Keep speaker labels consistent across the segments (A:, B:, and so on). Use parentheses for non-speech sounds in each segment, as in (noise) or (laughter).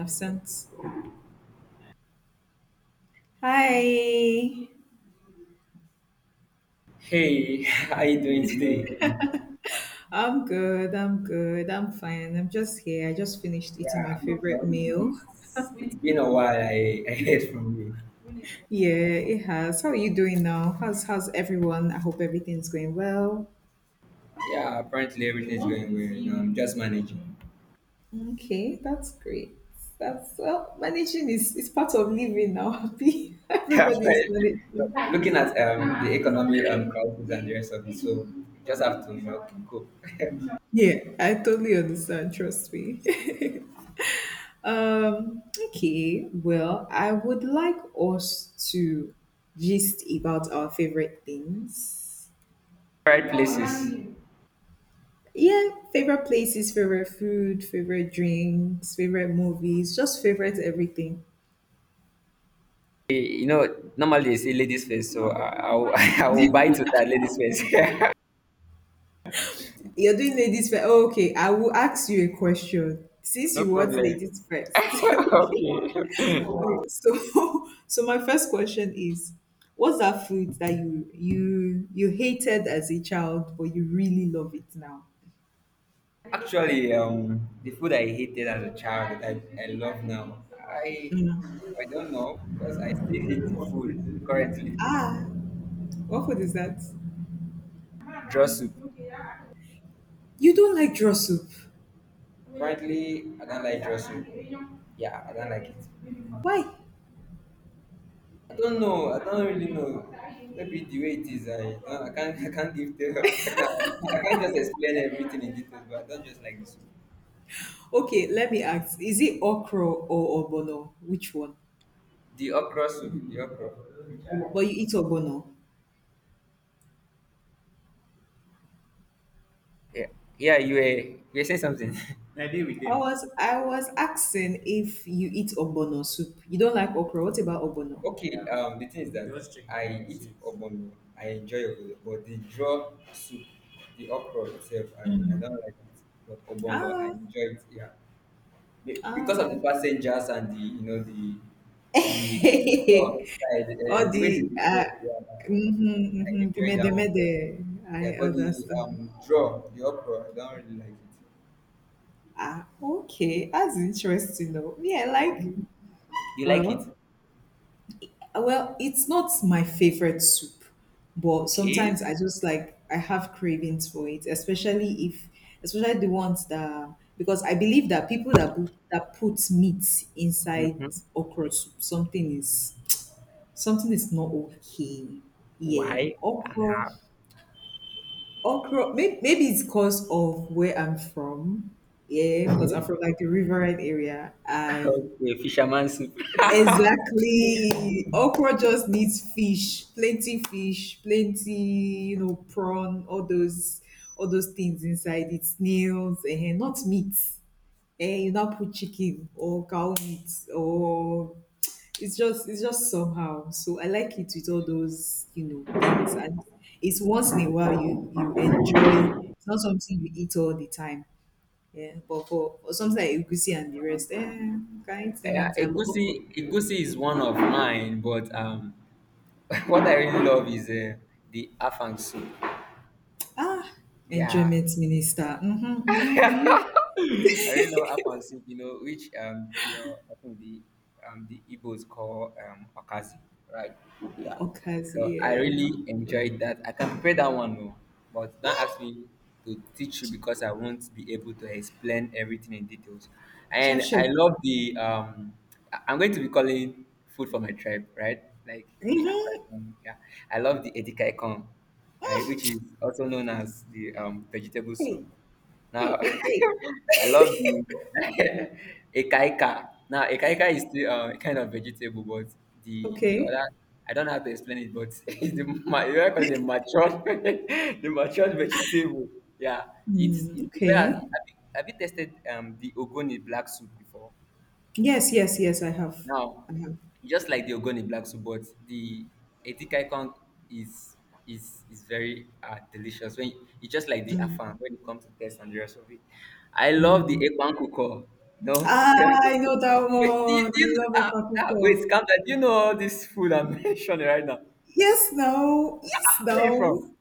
A: Absent. Hi.
B: Hey, (laughs) how you doing today?
A: I'm good. I'm good. I'm fine. I'm just here. I just finished eating my
B: Yeah, well,
A: favorite meal.
B: been a while. I heard from you.
A: Yeah, it has. How are you doing now? How's everyone? I hope everything's going well.
B: Yeah, apparently everything's going well. You know, I'm just managing. (laughs)
A: Okay, that's great. That's well, managing is part of living now. (laughs) Happy.
B: Yeah,
A: Everybody is managing.
B: but looking at the economy crisis and the rest of it, so just have to you know cope.
A: Yeah, I totally understand. Trust me. (laughs) Um, okay, well, I would like us to gist about our favorite things.
B: Right places.
A: Yeah, favorite places, favorite food, favorite drinks, favorite movies, just favorite everything.
B: You know, normally they say ladies first, so I will (laughs) I will buy to that ladies first. (laughs)
A: You're doing ladies first. Oh, okay, I will ask you a question since
B: No
A: you want
B: problem.
A: ladies first. (laughs)
B: (laughs)
A: Okay.
B: Okay.
A: Okay, so (laughs) so my first question is, what's that food that you hated as a child but you really love it now?
B: Actually, the food I hated as a child that I love now, I don't know because I still eat the food currently.
A: Ah, what food is that?
B: Draw soup.
A: You don't like draw soup.
B: Currently, I don't like draw soup. Yeah, I don't like it.
A: Why?
B: I don't know. I don't really know. Maybe the way it is, I don't, I can't (laughs) I can't give the I can't just explain everything in detail. But I don't just like the soup.
A: Okay, let me ask. Is it okra or obono? Which one?
B: The okra soup. The okra.
A: But you eat obono.
B: Yeah, yeah. You were saying something. (laughs)
A: I was asking if you eat obono soup. You don't like okra. What about obono?
B: Okay, yeah. The thing is that just check the I eat receipts. Obono. I enjoy obono, but the draw soup, the okra itself, I don't like it. But obono, I
A: Ah,
B: enjoy it. Yeah, be- because of the
A: ah.
B: passengers and the you know the the
A: (laughs)
B: store side,
A: Or
B: the
A: the
B: way they prepare. Yeah,
A: mm-hmm,
B: I
A: mm-hmm, the
B: enjoy
A: mede
B: that one. But
A: mede. I
B: yeah, but the
A: understand.
B: draw, the okra, I don't really like
A: Ah, okay. That's interesting though. Yeah, like
B: it. You like it?
A: well, well, it's not my favorite soup, but
B: Okay.
A: sometimes
B: (laughs)
A: I just like I have cravings for it, especially if especially the ones that because I believe that people that put meat inside okra soup, something is not okay. Yeah, okra, okra. Maybe, maybe it's cause of where I'm from. Yeah, because I'm from like the riverine area, and
B: Okay, fisherman soup.
A: exactly. Okra just needs fish, plenty, you know, prawn, all those things inside it, snails, and not meat. And you now put chicken or cow meat or it's just somehow. So I like it with all those, you know, things. And it's once in a while you enjoy it's not something you eat all the time. Yeah. But for something like egusi and the rest, eh, you can eat them
B: Yeah,
A: anytime. But okra.
B: egusi is one of mine, but (laughs) what I really love is the afang soup.
A: Ah,
B: Yeah,
A: enjoyment minister. Mhm, mhm, mhm.
B: (laughs) I really love Afan soup, you know, which your I think the Igbos call Okazi, right? Yeah.
A: Okazi,
B: So I
A: yeah.
B: really enjoyed that. I can prepare that one no, but don't ask
A: Ah,
B: me to teach you because I won't be able to explain everything in details.
A: chef,
B: And
A: chef.
B: I love the I- I'm going to be calling food for my tribe, right? Like the Akwa
A: Mm-hmm.
B: Ibom, yeah. I love the Edikaikong, right, which is also known as the vegetable soup.
A: Hey, hey,
B: Now,
A: hey, hey.
B: (laughs) I love the (laughs) ekaika. Now, ekaika is still kind of vegetable, but the
A: Okay.
B: other, I don't know how to explain it, but (laughs) it's the ma- you know, the matured, (laughs) the matured vegetable. Yeah,
A: Mm,
B: it's prepared.
A: okay.
B: Have you tasted the ogoni black soup before?
A: Yes, yes, yes. I have.
B: Now,
A: I have.
B: just like the Ogoni Black Soup, but the Etikai Kong is is very delicious. When it's just like the Afan when it comes to taste and the rest of it. I love the
A: Mm.
B: Ekwan Kuko. No, (laughs) wait,
A: Ah, I know that
B: do you,
A: one.
B: do
A: I
B: you,
A: love it,
B: uh, wait,
A: Papuko.
B: calm down. Do you know all this food I'm (laughs) mentioning right now?
A: Yes, no. Yes,
B: Ah, where you from?
A: no.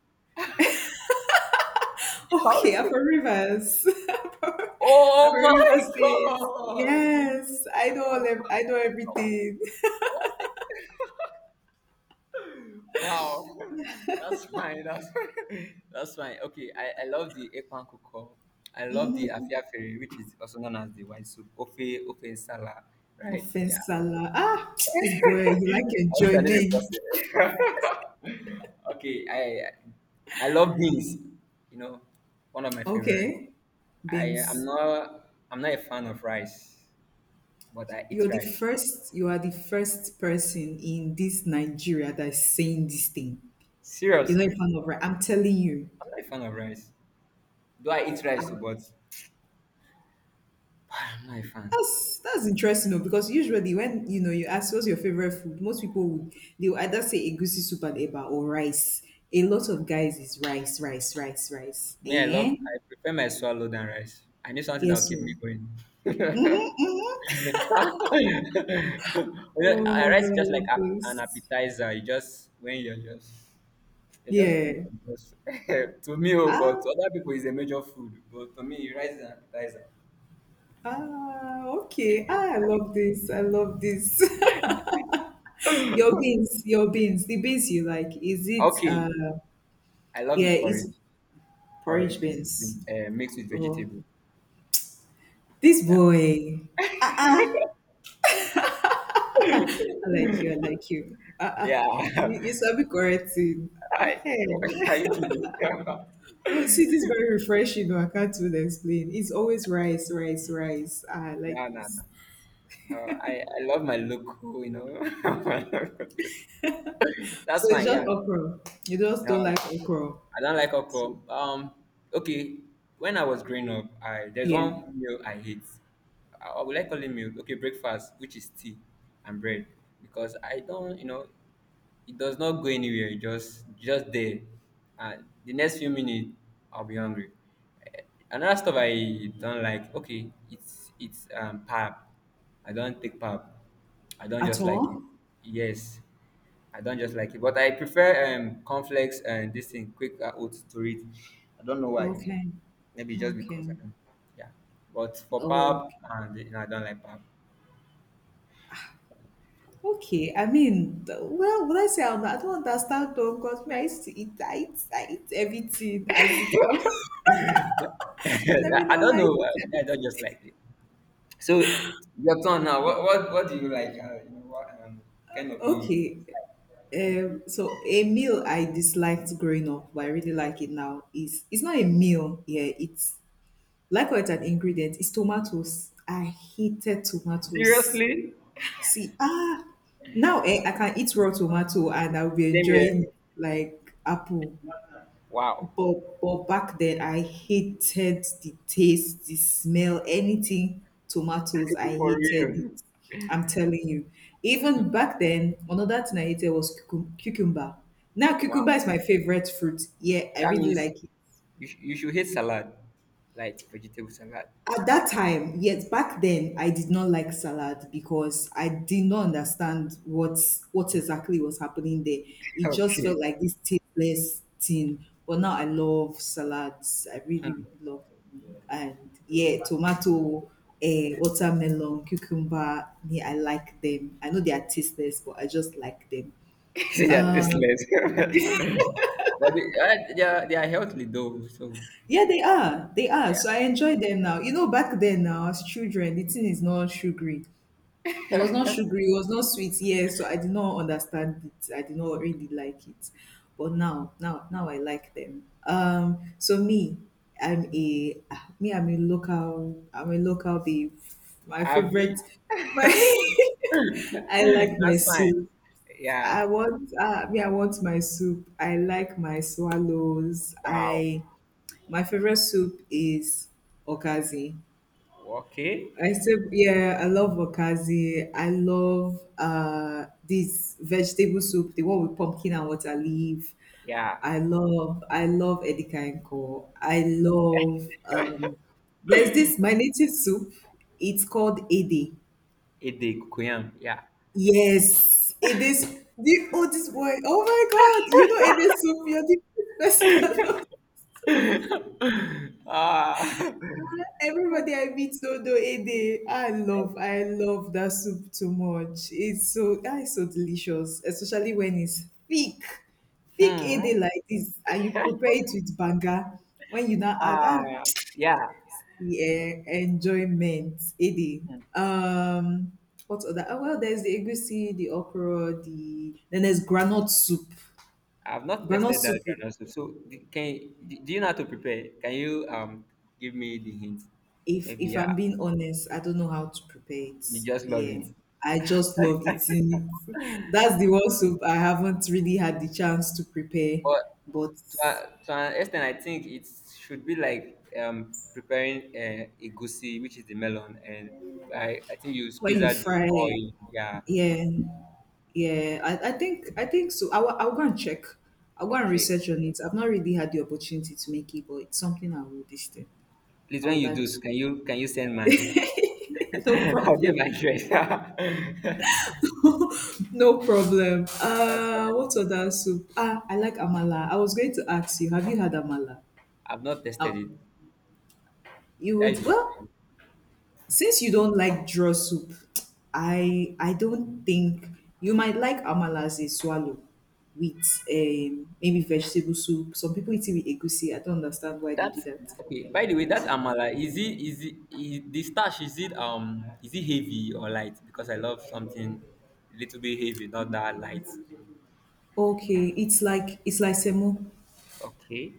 B: How
A: Okay,
B: is
A: I'm
B: it?
A: from Rivers. (laughs) I'm from
B: Oh
A: Rivers State.
B: my god!
A: Yes,
B: (laughs)
A: I
B: I
A: know. All ev- I know everything.
B: was thinking. (laughs) Wow, (laughs) that's fine. That's (laughs) that's fine. Okay, I love the ekpan koko. I love the afiafere, which is also known as the white soup. Ofe, ofe nsala, right?
A: Offense
B: Yeah.
A: salad. Ah,
B: (laughs)
A: it's boy. You like
B: I was a little
A: enjoyment.
B: busted. (laughs) Okay, I love beans. You know, one of my favorite.
A: Okay.
B: I I'm
A: Beans.
B: not I'm not a fan of rice, but I eat
A: You're the
B: rice.
A: first, you are the first person in this Nigeria that is saying this thing.
B: Serious,
A: You're not a
B: I'm
A: fan of rice. I'm telling you.
B: not a fan of rice. Do I eat rice? But (sighs) I'm not a fan.
A: That's interesting though, because usually when you know you ask what's your favorite food, most people would they will either say egusi soup and eba or rice. A lot of guys is rice, rice, rice, rice.
B: Me, I love,
A: Eh?
B: I prefer my swallow than rice. I need something that'll
A: Yes.
B: keep me
A: Oh.
B: going. (laughs) You know,
A: Oh my
B: rice is
A: god, I
B: just like
A: love
B: a, an
A: this.
B: appetizer. You just when you're just free.
A: Yeah.
B: You just (laughs) to me, oh,
A: Ah,
B: but to other people, it's a major food. But to me, rice is an appetizer.
A: ah, okay. Ah, I love this. I love this. (laughs) Your beans, your beans, the beans you like. Is it
B: Okay, I love the
A: yeah, it's
B: porridge.
A: porridge
B: Porridge
A: beans.
B: mixed with
A: Oh
B: vegetable.
A: this
B: Yeah,
A: boy. I like you, I like you. Ah, ah. You,
B: yeah.
A: you sabi correct thing.
B: (laughs) I,
A: Ehe.
B: (laughs) are you kidding? (laughs) No,
A: (laughs) Oh, see this is very refreshing though. I can't even explain. It's always rice, rice, rice. Ah, I
B: no,
A: like
B: no.
A: this.
B: Oh, I love my local, you know. (laughs)
A: So
B: That's
A: it's
B: fine,
A: just
B: yeah.
A: okra. You just
B: No,
A: don't like okra.
B: I don't like
A: So,
B: okra. Okay. When I was growing up, I there's
A: yeah.
B: one meal I hate. I would like only meal. Okay, breakfast, which is tea and bread, because I don't, you know, it does not go anywhere. It just there, and the next few minutes I'll be hungry. Eh, Another stuff I don't like. Okay, it's pap. I don't take pap. I don't
A: At
B: just like it.
A: all?
B: Yes, I don't just like it. But I prefer conflicts and this thing quick oats to it. I don't know why.
A: Okay.
B: Maybe just because I
A: Okay.
B: don't. Yeah, but for
A: Oh,
B: pap and you know, I don't like pap.
A: okay. I mean, the- well, would I say I'm, not, I don't understand though, because me, I used to eat, I eat everything as it comes.
B: (laughs)
A: (laughs) Let me
B: I
A: not lie,
B: don't know.
A: I eat
B: I
A: everything.
B: don't just like it. So your turn now. What do you like? You know what kind of music?
A: Okay. So a meal I disliked growing up, but I really like it now. Is it's not a meal, yeah. It's like what an ingredient. It's tomatoes. I hated tomatoes.
B: Seriously?
A: See, ah, now eh, I can eat raw tomato and I'll be
B: Same here.
A: enjoying like apple.
B: Wow.
A: But back then I hated the taste, the smell, anything tomatoes,
B: (laughs)
A: I
B: For
A: hated it.
B: real.
A: I'm telling you. Even back then, another thing I hated was cucumber. Now cucumber
B: Wow.
A: is my favorite fruit. Yeah, I
B: That
A: really
B: means
A: like it.
B: you, sh- you should hate salad, like vegetable salad.
A: At that time, yes, back then I did not like salad because I did not understand what exactly was happening there. It just felt
B: Okay.
A: like this tasteless thing. But now I love salads. I really, really love them. And yeah, tomato, eh, watermelon, cucumber. Yeah, I like them. I know they are tasteless, but I just like them.
B: (laughs) See, they are tasteless. (laughs) But they are healthy though. So
A: Yeah, they are. They are.
B: yeah.
A: So I enjoy them now. You know, back then now as children, the thing is not sugary. It was not sugary, it was not sweet, yes. So I did not understand it. I did not really like it. But now I like them. So me, I'm a ah, me, I'm a local babe. My favorite
B: Abi.
A: (laughs) my I
B: (laughs)
A: like my
B: That's fine.
A: soup.
B: Yeah.
A: I want me, I want my soup. I like my swallows.
B: Wow.
A: I my favorite soup is okazi.
B: Okay.
A: I said, yeah, I love wakazi. I love this vegetable soup, the one with pumpkin and water leaf.
B: Yeah.
A: I love edikaikong. I love there's this my native soup. It's called ede.
B: Ede kokoyam. Yeah.
A: Yes, it is the oldest boy. Oh my god, you know ede soup, you're the (laughs) best person.
B: (laughs) Ah.
A: Everybody I meet Odo Ede, I love that soup too much. It's so that is so delicious, especially when it's thick, thick
B: Hmm.
A: Ede like this, and you prepare it with banga. When you now add, ah,
B: Ah. Yeah.
A: yeah, enjoyment Ede. Um, what other? Oh, well, there's the egusi, the okra, the then there's granite soup.
B: I've not
A: Granite
B: tested
A: soup.
B: that granola soup. So d- can d- do you know how to prepare? Can you give me the hint? Maybe
A: If I'm
B: yeah.
A: being honest, I don't know how to prepare it.
B: You just love
A: Yeah.
B: it.
A: I just love eating it. That's the one soup I haven't really had the chance to prepare.
B: But
A: But
B: to, a- to an extent, I think it should be like preparing a goosey, which is the melon, and I think you
A: when
B: squeeze
A: you
B: out the
A: fry,
B: oil. Yeah.
A: yeah, yeah. I think so. I will, I'll go and check. I'll go and
B: Okay.
A: research on it. I've not really had the opportunity to make it, but it's something I will this thing.
B: Please,
A: I
B: when
A: would
B: you
A: like
B: do,
A: to.
B: can you send mine?
A: (laughs)
B: (laughs)
A: No
B: How do you
A: problem.
B: migrate? (laughs) That's
A: (laughs) No problem.
B: fine.
A: What other soup? Ah, I like amala. I was going to ask you, have you had amala?
B: I've not tested
A: Um,
B: it.
A: you would
B: That's you.
A: well since you don't like draw soup, I don't think you might like amala as a swallow with maybe vegetable soup. Some people eat it with egusi. I don't understand why they do
B: That's
A: that.
B: okay. By the way, that amala is it is it is, the starch is it heavy or light? Because I love something a little bit heavy, not that light.
A: Okay, it's like semo.
B: Okay.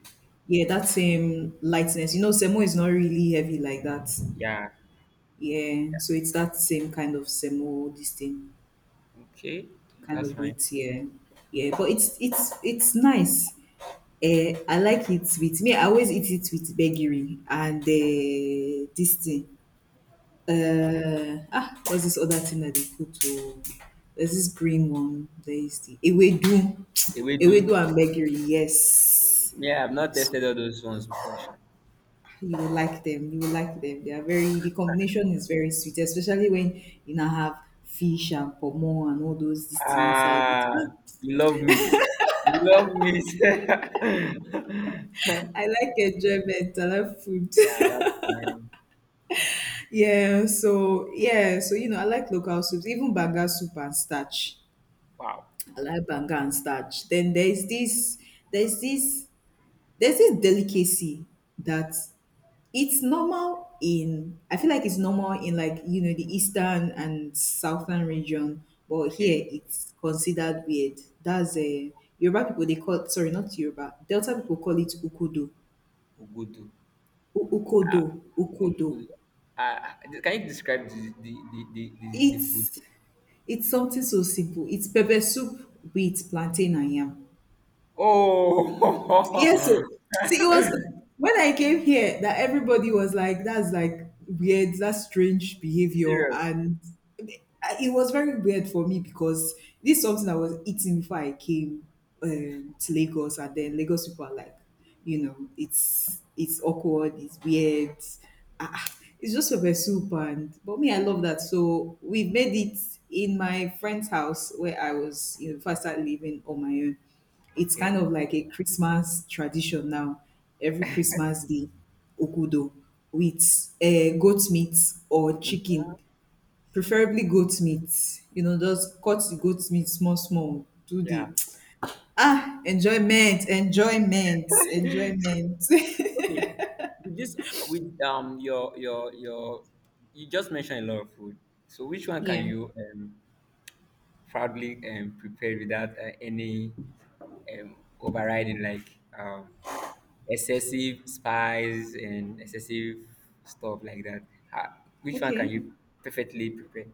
A: Yeah, that same lightness. You know, semo is not really heavy like that.
B: Yeah.
A: Yeah, so it's that same kind of semo, this thing
B: Okay.
A: kind
B: That's
A: of
B: fine.
A: weight. Yeah, yeah, but it's it's nice. Eh, I like it with me. I always eat it with gbegiri and eh, this thing. Ah, what's this other thing that they put? To? There's this green one. There is the ewedu, (tsk)
B: We
A: ewedu
B: do.
A: and gbegiri. Yes,
B: Yeah, I've not tested all those ones before, sure.
A: you will like them. You will like them. They are very. The combination is very sweet, especially when you now have fish and pomo and all those things inside it.
B: Ah,
A: Ah,
B: you love meat. You love meat. (laughs) Yeah,
A: I like enjoyment. I love food.
B: that's nice.
A: Yeah, so yeah, so you know, I like local soups, even banga soup and starch.
B: Wow.
A: I like banga and starch. Then there's this, there's this delicacy that it's normal in. I feel like it's normal in like you know the eastern and southern region, but here
B: Okay.
A: it's considered weird. That's a Yoruba people they call sorry not Yoruba Delta people call it ukudo,
B: Ogodo.
A: Ukodo, ukodo.
B: Ogodo. Uh, can you describe the food?
A: It's It's something so simple. It's pepper soup with plantain and yam.
B: Oh,
A: Yeah, so
B: (laughs)
A: see, it was when I came here that everybody was like, "That's like weird. That's strange behavior,"
B: serious.
A: and it was very weird for me because this is something I was eating before I came to Lagos, and then Lagos people are like, you know, it's awkward, it's weird. Ah, ah, it's just pepper soup, and but me, I love that. So we made it in my friend's house where I was, you know, before I started living on my own. It's kind
B: Okay.
A: of like a Christmas tradition now. Every Christmas day, okudo with goat meat or
B: Mm.
A: chicken, preferably goat meat. You know, just cut the goat meat small, small. Do
B: Yeah.
A: the (tsk) ah enjoyment, enjoyment, enjoyment. (laughs)
B: Okay. With this, with you just mentioned a lot of food. So which one can
A: Yeah.
B: you proudly prepare without any um overriding like um excessive spice and excessive stuff like that. Uh, which one can
A: Okay.
B: you perfectly prepare?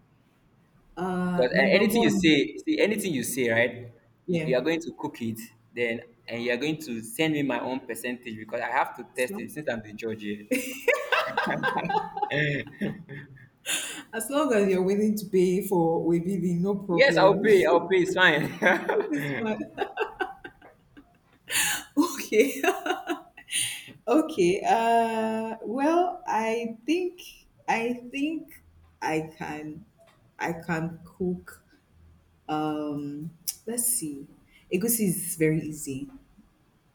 B: Because
A: Number
B: anything you
A: one.
B: say, see anything you say, right? You,
A: Yeah.
B: you are going to cook it, then and you are going to send me my own percentage because I have to
A: As
B: test it
A: long
B: since I'm the judge here.
A: as long as you're willing to pay for waybill, no
B: Yes, I'll
A: problem.
B: pay.
A: (laughs)
B: I'll pay. It's fine.
A: This man. (laughs) Okay. (laughs) Okay. Well, I think I can I can cook. Um, (tsk) let's see. Egusi is very easy.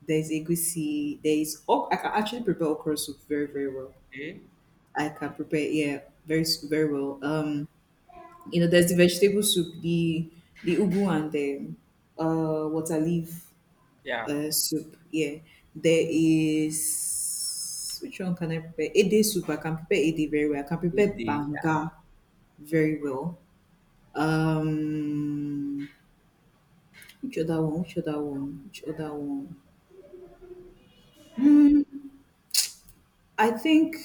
A: There's egusi. There oh I can actually prepare okra soup very very well.
B: (laughs) Okay.
A: I can prepare yeah very very well. You know, there's the vegetable soup, the ugu and the water leaf
B: Yeah.
A: soup. Yeah, there is which one can I prepare? Ede soup. I can prepare ede very well. I can
B: It
A: prepare
B: did. Yeah.
A: banga very well. Um, which other one? Which other one? Which other one? Hmm. I think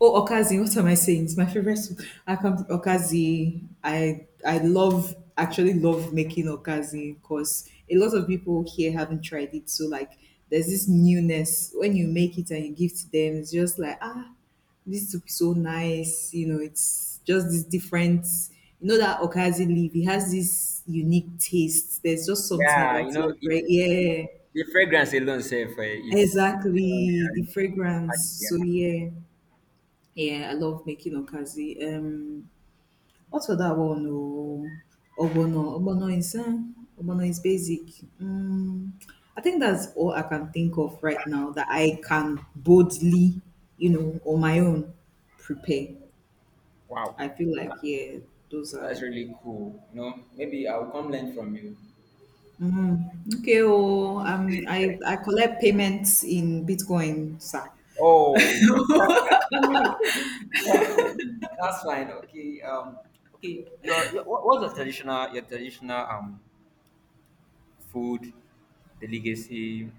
A: oh Okazi, what am I saying? It's my favorite soup. I come from Okazi. I love actually love making Okazi because a lot of people here haven't tried it. So like there's this newness when you make it and you give to them, it's just like ah this soup is so nice, you know, it's just this different you know that Okazi leaf, it has this unique taste. There's just something
B: Yeah. You
A: about it,
B: know, it,
A: right?
B: it,
A: Yeah.
B: the fragrance alone, safe, is. It's-
A: Exactly. The
B: yeah,
A: fragrance.
B: it's yeah.
A: So yeah. Yeah, I love making okazi. What's for that one? Oh, ogbono. Ogbono is ogbono is basic. I think that's all I can think of right now that I can boldly, you know, on my own prepare.
B: Wow.
A: I feel like yeah, those
B: That's
A: are
B: really cool. You know, maybe I'll come learn from you.
A: okay. Oh, I collect payments in Bitcoin, sir.
B: Oh, (laughs) that's fine. Okay. Okay. Your what- what's your traditional food, the legacy,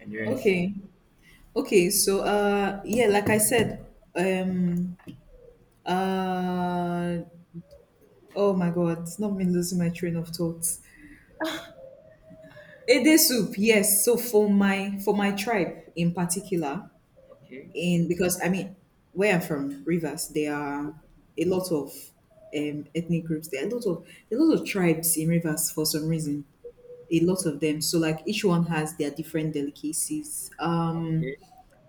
B: and the rest?
A: Okay. Okay, so yeah, like I said, um uh oh my God, not me losing my train of thought. Ede soup, yes. So for my tribe in particular,
B: Okay.
A: in because I mean where I'm from, Rivers, there are a lot of ethnic groups. There are a lot of tribes in Rivers for some reason. A lot of them. So like each one has their different delicacies.
B: Okay.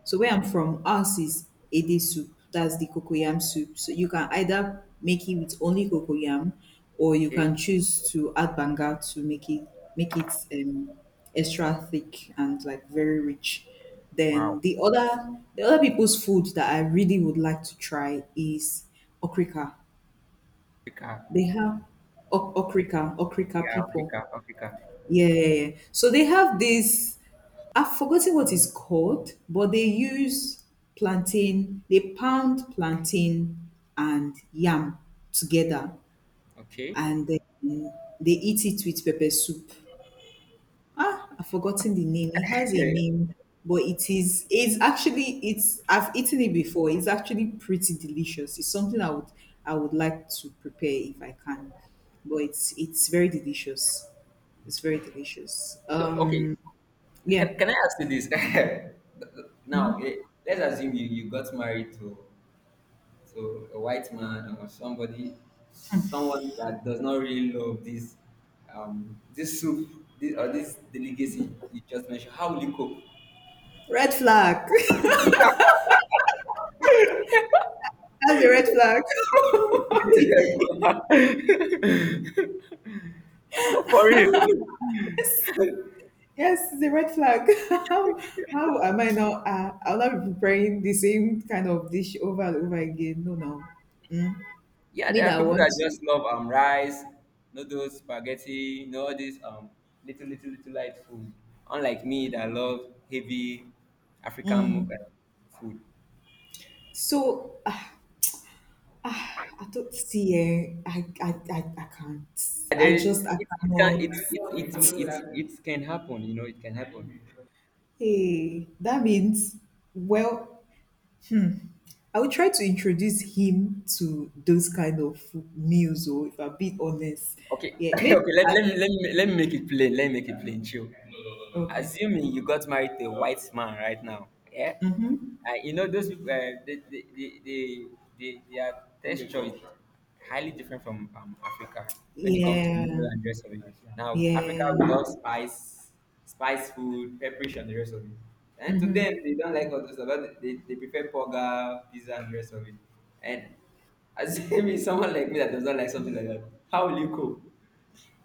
A: So where I'm from, ours is ede soup. That's the cocoyam soup. So you can either make it with only cocoyam, or you
B: Okay.
A: can choose to add banga to make it extra thick and like very rich. Then
B: Wow.
A: the other people's food that I really would like to try is okrika.
B: Africa.
A: They have okrika okrika
B: Yeah.
A: people.
B: Africa. Africa.
A: Yeah, yeah, yeah. So they have this, I've forgotten what it's called, but they use plantain, they pound plantain and yam together
B: Okay.
A: and then they eat it with pepper soup. Ah, I've forgotten the name. It has a
B: Okay.
A: name, but it is, it's actually, it's, I've eaten it before. It's actually pretty delicious. It's something I would like to prepare if I can, but it's very delicious. It's very delicious.
B: So okay.
A: Yeah.
B: Can I ask you this? (laughs) Now, let's assume you, you got married to so a white man or somebody, someone that does not really love this, this soup, this, or this delicacy you just mentioned, how will you cope?
A: Red flag. (laughs) That's a red flag. (laughs) What do you mean?
B: (laughs) Oh, for real.
A: Yes, it's a red flag. (laughs) How am I not? I'll not be preparing the same kind of dish over and over again. No, no.
B: Yeah,
A: Me
B: there are
A: that I
B: people
A: want
B: that
A: to.
B: just love rice, noodles, spaghetti, you know, all this little little little light food. Unlike me that love heavy African mo- food.
A: So I don't see. I can't.
B: Yeah,
A: I
B: there is,
A: just I
B: it can it
A: cannot.
B: it, it it it can happen you know it can happen
A: Hey, that means well. I will try to introduce him to those kind of food meals. Or if I'm being honest,
B: okay (laughs)
A: yeah, maybe.
B: okay let,
A: I,
B: let, me, let me let me make it plain let me make it plain chill.
A: okay.
B: Assuming you got married to a white man right now, yeah?
A: Mm-hmm.
B: You know, those people, they, their texture is highly different from Africa when it comes to meal
A: Yeah,
B: and the rest of it. Now, Africa, we
A: yeah.
B: love spice, spice food, preparation, and the rest of it. And to them, they don't like all those stuff. But they prefer burger, pizza, and the rest of it. And assuming (laughs) someone like me that does not like something like that, how will you cope?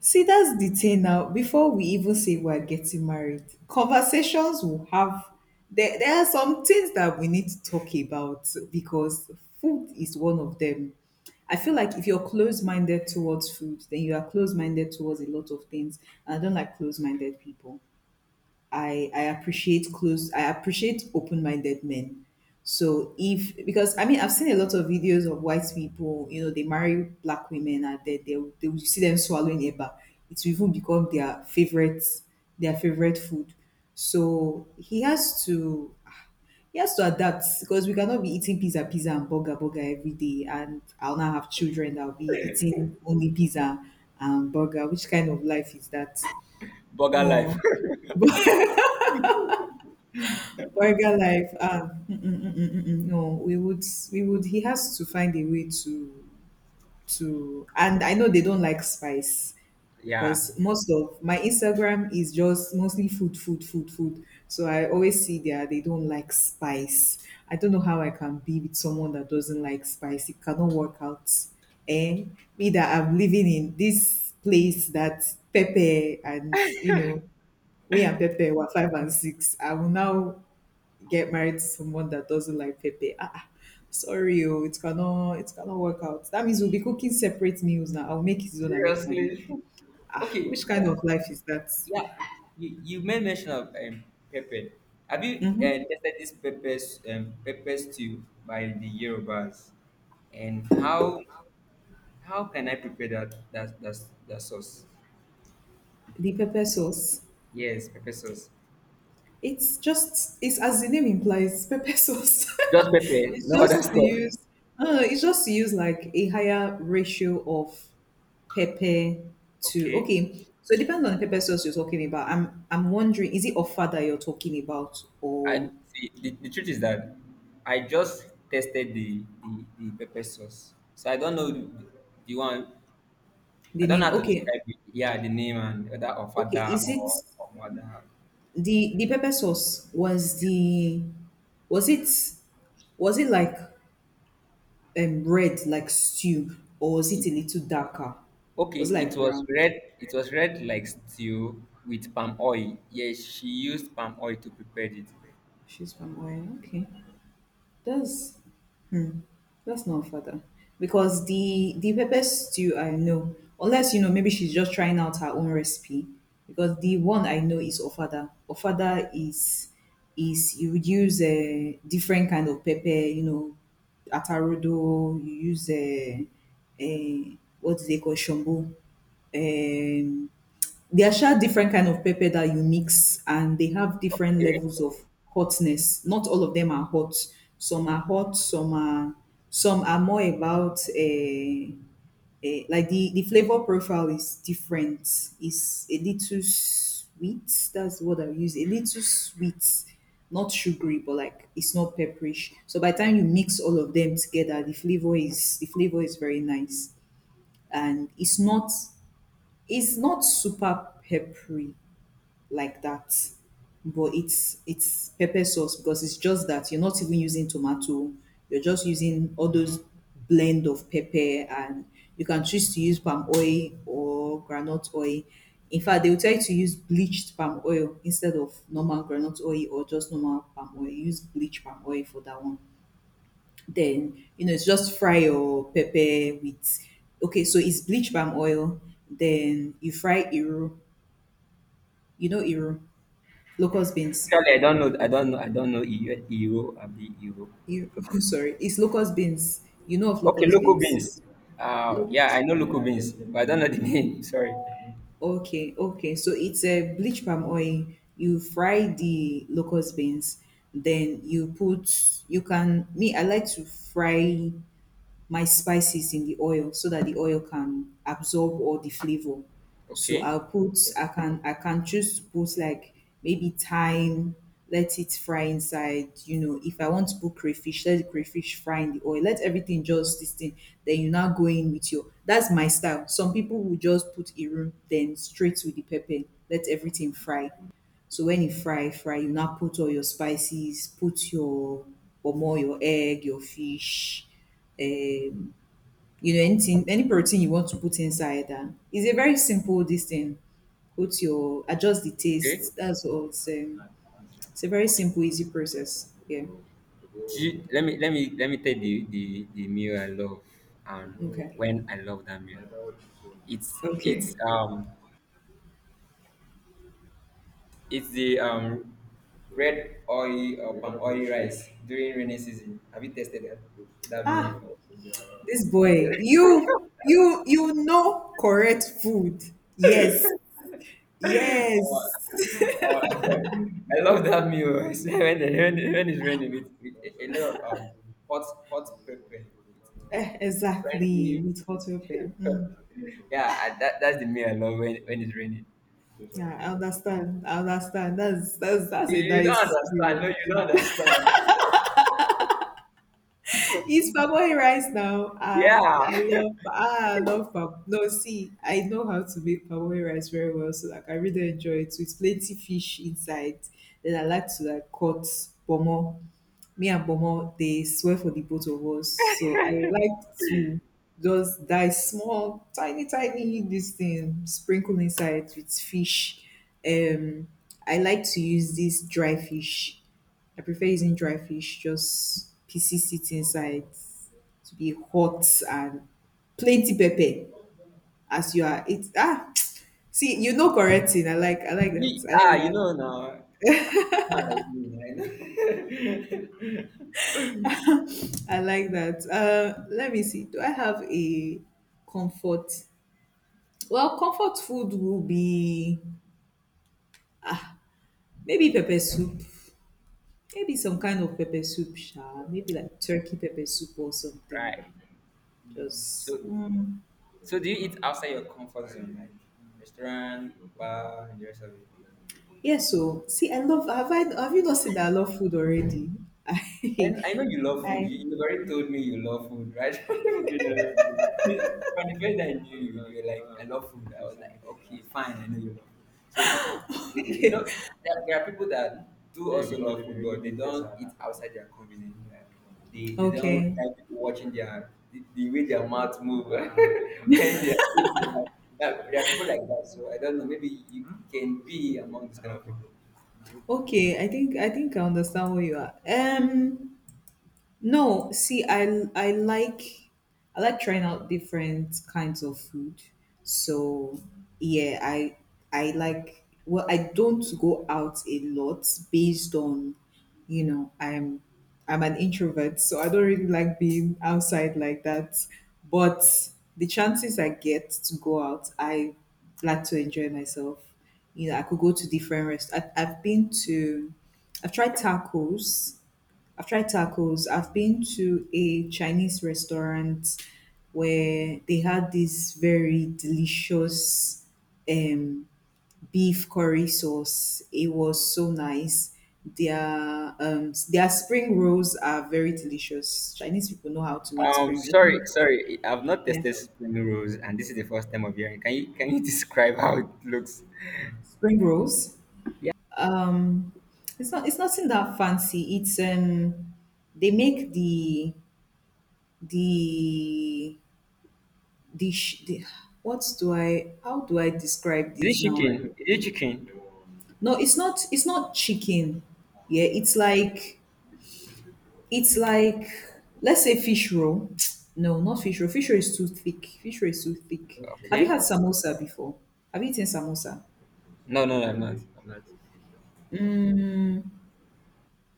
A: See, that's the thing now. Before we even say we're getting married, conversations will have there are some things that we need to talk about because food is one of them. I feel like if you're close minded towards food, then you are close minded towards a lot of things. And I don't like close minded people. I appreciate open-minded men. So if because I mean I've seen a lot of videos of white people, you know, they marry black women and they will see them swallowing eba. It will even become their favorite food. So he has to adapt because we cannot be eating pizza, pizza and burger, burger every day. And I'll now have children that will be eating only pizza and burger. Which kind of life is that?
B: Burger life.
A: Oh, burger life. Ah, mm-mm, mm-mm, mm-mm. No, we would. He has to find a way to to. And I know they don't like spice
B: (laughs) Yeah.
A: because most of my Instagram is just mostly food, food, food, food. So I always see there they don't like spice. I don't know how I can be with someone that doesn't like spice. It cannot work out. Eh? Me that I'm living in this place that pepper and you know we and pepper were five and six. I will now get married to someone that doesn't like pepper. Ah, ah, sorry, oh, it cannot work out. That means we'll be cooking separate meals now. I'll make his own and make my own.
B: Seriously. (laughs)
A: Ah,
B: Okay.
A: which kind
B: Yeah.
A: of life is that?
B: Yeah. You made mention of pepper. Have you tested this pepper pepper stew by the Yorubas? And how can I prepare that that that, that sauce?
A: The pepper sauce.
B: Yes, pepper sauce.
A: It's just, it's as the name implies, pepper sauce.
B: Just
A: (laughs)
B: pepper,
A: it's
B: no
A: just
B: other
A: to
B: stuff.
A: use, it's just to use like a higher ratio of pepper to
B: Okay.
A: okay so it depends on the pepper sauce you're talking about I'm wondering is it offer that you're talking about or
B: I see. The truth is that I just tested the pepper sauce, so I don't know the one
A: the
B: I don't know
A: name
B: how to
A: okay.
B: describe it. Yeah, the name and whether of
A: Okay,
B: father
A: is it
B: or of mother.
A: the pepper sauce was the was it was it like red like stew or was
B: It,
A: it a little darker?
B: okay,
A: Was it
B: it
A: like
B: was
A: brown?
B: red. It was red like stew with palm oil. Yes, she used palm oil to prepare it.
A: She's from oil. Okay, that's that's not father. Because the pepper stew I know, unless you know, maybe she's just trying out her own recipe. Because the one I know is ofada. Ofada is you would use a different kind of pepper, you know, atarodo. You use a what do they call shombo? Um, there are different kind of pepper that you mix, and they have different
B: Okay.
A: levels of hotness. Not all of them are hot. Some are hot. Some are more about like the flavor profile is different. It's a little sweet. That's what I use. A little sweet, not sugary, but like it's not pepperish. So by the time you mix all of them together, the flavor is very nice, and it's not super peppery like that. But it's pepper sauce because it's just that you're not even using tomato. You're just using all those blend of pepper and you can choose to use palm oil or granite oil. In fact, they will tell you to use bleached palm oil instead of normal granite oil or just normal palm oil. Use bleached palm oil for that one. Then, you know, it's just fry your pepper with, okay, so it's bleached palm oil. Then you fry iru. You know iru, locust beans.
B: Actually, I don't know. I don't know. I don't know. Iro, Abi Iro.
A: You, (laughs) sorry, it's locust beans. You know of
B: Okay,
A: locust
B: local
A: beans.
B: beans.
A: Look,
B: Yeah, I know local beans, but I don't know the (laughs) name. Sorry.
A: okay. So it's a bleach palm oil. You fry the locust beans, then you put. You can me. I like to fry my spices in the oil so that the oil can absorb all the flavor. So
B: Okay,
A: I'll put I can choose to put like maybe thyme, let it fry inside. You know, if I want to put crayfish, let the crayfish fry in the oil. Let everything just this thing. Then you now go in with your that's my style. Some people will just put iru then straight with the pepper, let everything fry. So when you fry, fry, you now put all your spices, put your omo, your egg, your fish, um, you know, anything, any protein you want to put inside. It's a very simple this thing. Put your adjust the
B: okay,
A: taste. That's all. It's a very
B: okay.
A: simple, easy process. Yeah.
B: Let me tell the meal I love and
A: Okay.
B: when I love that meal. It's it's
A: Okay.
B: um it's the red oil or palm oil rice during rainy season. Have you tasted that meal before?
A: This
B: It,
A: boy, you know correct food. Yes.
B: (laughs) oh,
A: Yes. (laughs)
B: oh, I love that meal. (laughs) I When it's raining, with, a lot of um, hot hot pepper, it's
A: Eh, exactly.
B: friendly.
A: With hot pepper. Mm.
B: (laughs) Yeah, that's the meal I love when it's raining.
A: Yeah, I understand. I understand. That's a
B: You don't
A: nice
B: understand. No,
A: feeling.
B: you don't understand.
A: (laughs) It's parboil rice now.
B: Yeah. (laughs)
A: Ah, I love parboil. No, see, I know how to make parboil rice very well, so like I really enjoy it with plenty fish inside. Then I like to like cut pomo me and Bomo, they swear for the both of us. So I would like to just dye small, tiny, tiny this thing, sprinkle inside with fish. Um, I like to use this dry fish. I prefer using dry fish, just pieces it inside to be hot and plenty pepper as you are it ah (tsk) see you know correct thing. I like that.
B: Ah, you
A: That.
B: know now, African man like me, right?
A: I like that. Let me see. Do I have a comfort well, comfort food will be maybe pepper soup, maybe some kind of pepper soup, sha. Maybe like turkey pepper soup or
B: (laughs)
A: something.
B: right.
A: Just
B: So, so do you eat outside your comfort zone, like restaurant, bar, and the rest of it?
A: yeah. So see, I love. Have I? Have you not seen that I love food already? (laughs)
B: And
A: I,
B: I know you love food.
A: I
B: You already told me you love food, right? (laughs) From the first I knew you, you were like, I love food. I was like, okay, fine, I know you love food. So, (laughs) you
A: okay,
B: know, there are people that do also love food, but they don't eat outside their convenience. Like, they don't
A: okay,
B: like people watching the way their mouth move (laughs) when they are eating. (laughs) Like, there are people like that, so I don't know. Maybe you can be among this kind of people.
A: okay. I think I understand where you are. No, see, I like trying out different kinds of food. So yeah, I like well, I don't go out a lot based on, you know, I'm an introvert, so I don't really like being outside like that. But the chances I get to go out, I like to enjoy myself. You know, I could go to different restaurants. I've tried tacos. I've tried tacos. I've been to a Chinese restaurant where they had this very delicious um, beef curry sauce. It was so nice. Their spring rolls are very delicious. Chinese people know how to make spring. I
B: Sorry,
A: think,
B: sorry. I've not
A: yeah,
B: tested spring rolls, and this is the first time of hearing. Can you (laughs) describe how it looks?
A: spring rolls.
B: Yeah,
A: Um, it's not. It's nothing that fancy. It's They make the the... what do I how do I describe this
B: is it
A: now?
B: chicken? Is it chicken?
A: No, it's not chicken. Yeah, it's like, let's say, fish roll. (tsk) No, not fish roll. Fish roll is too thick. Fish roll is too thick. Have you
B: Okay.
A: had samosa before? Have you eaten samosa?
B: No, I'm not. I'm not.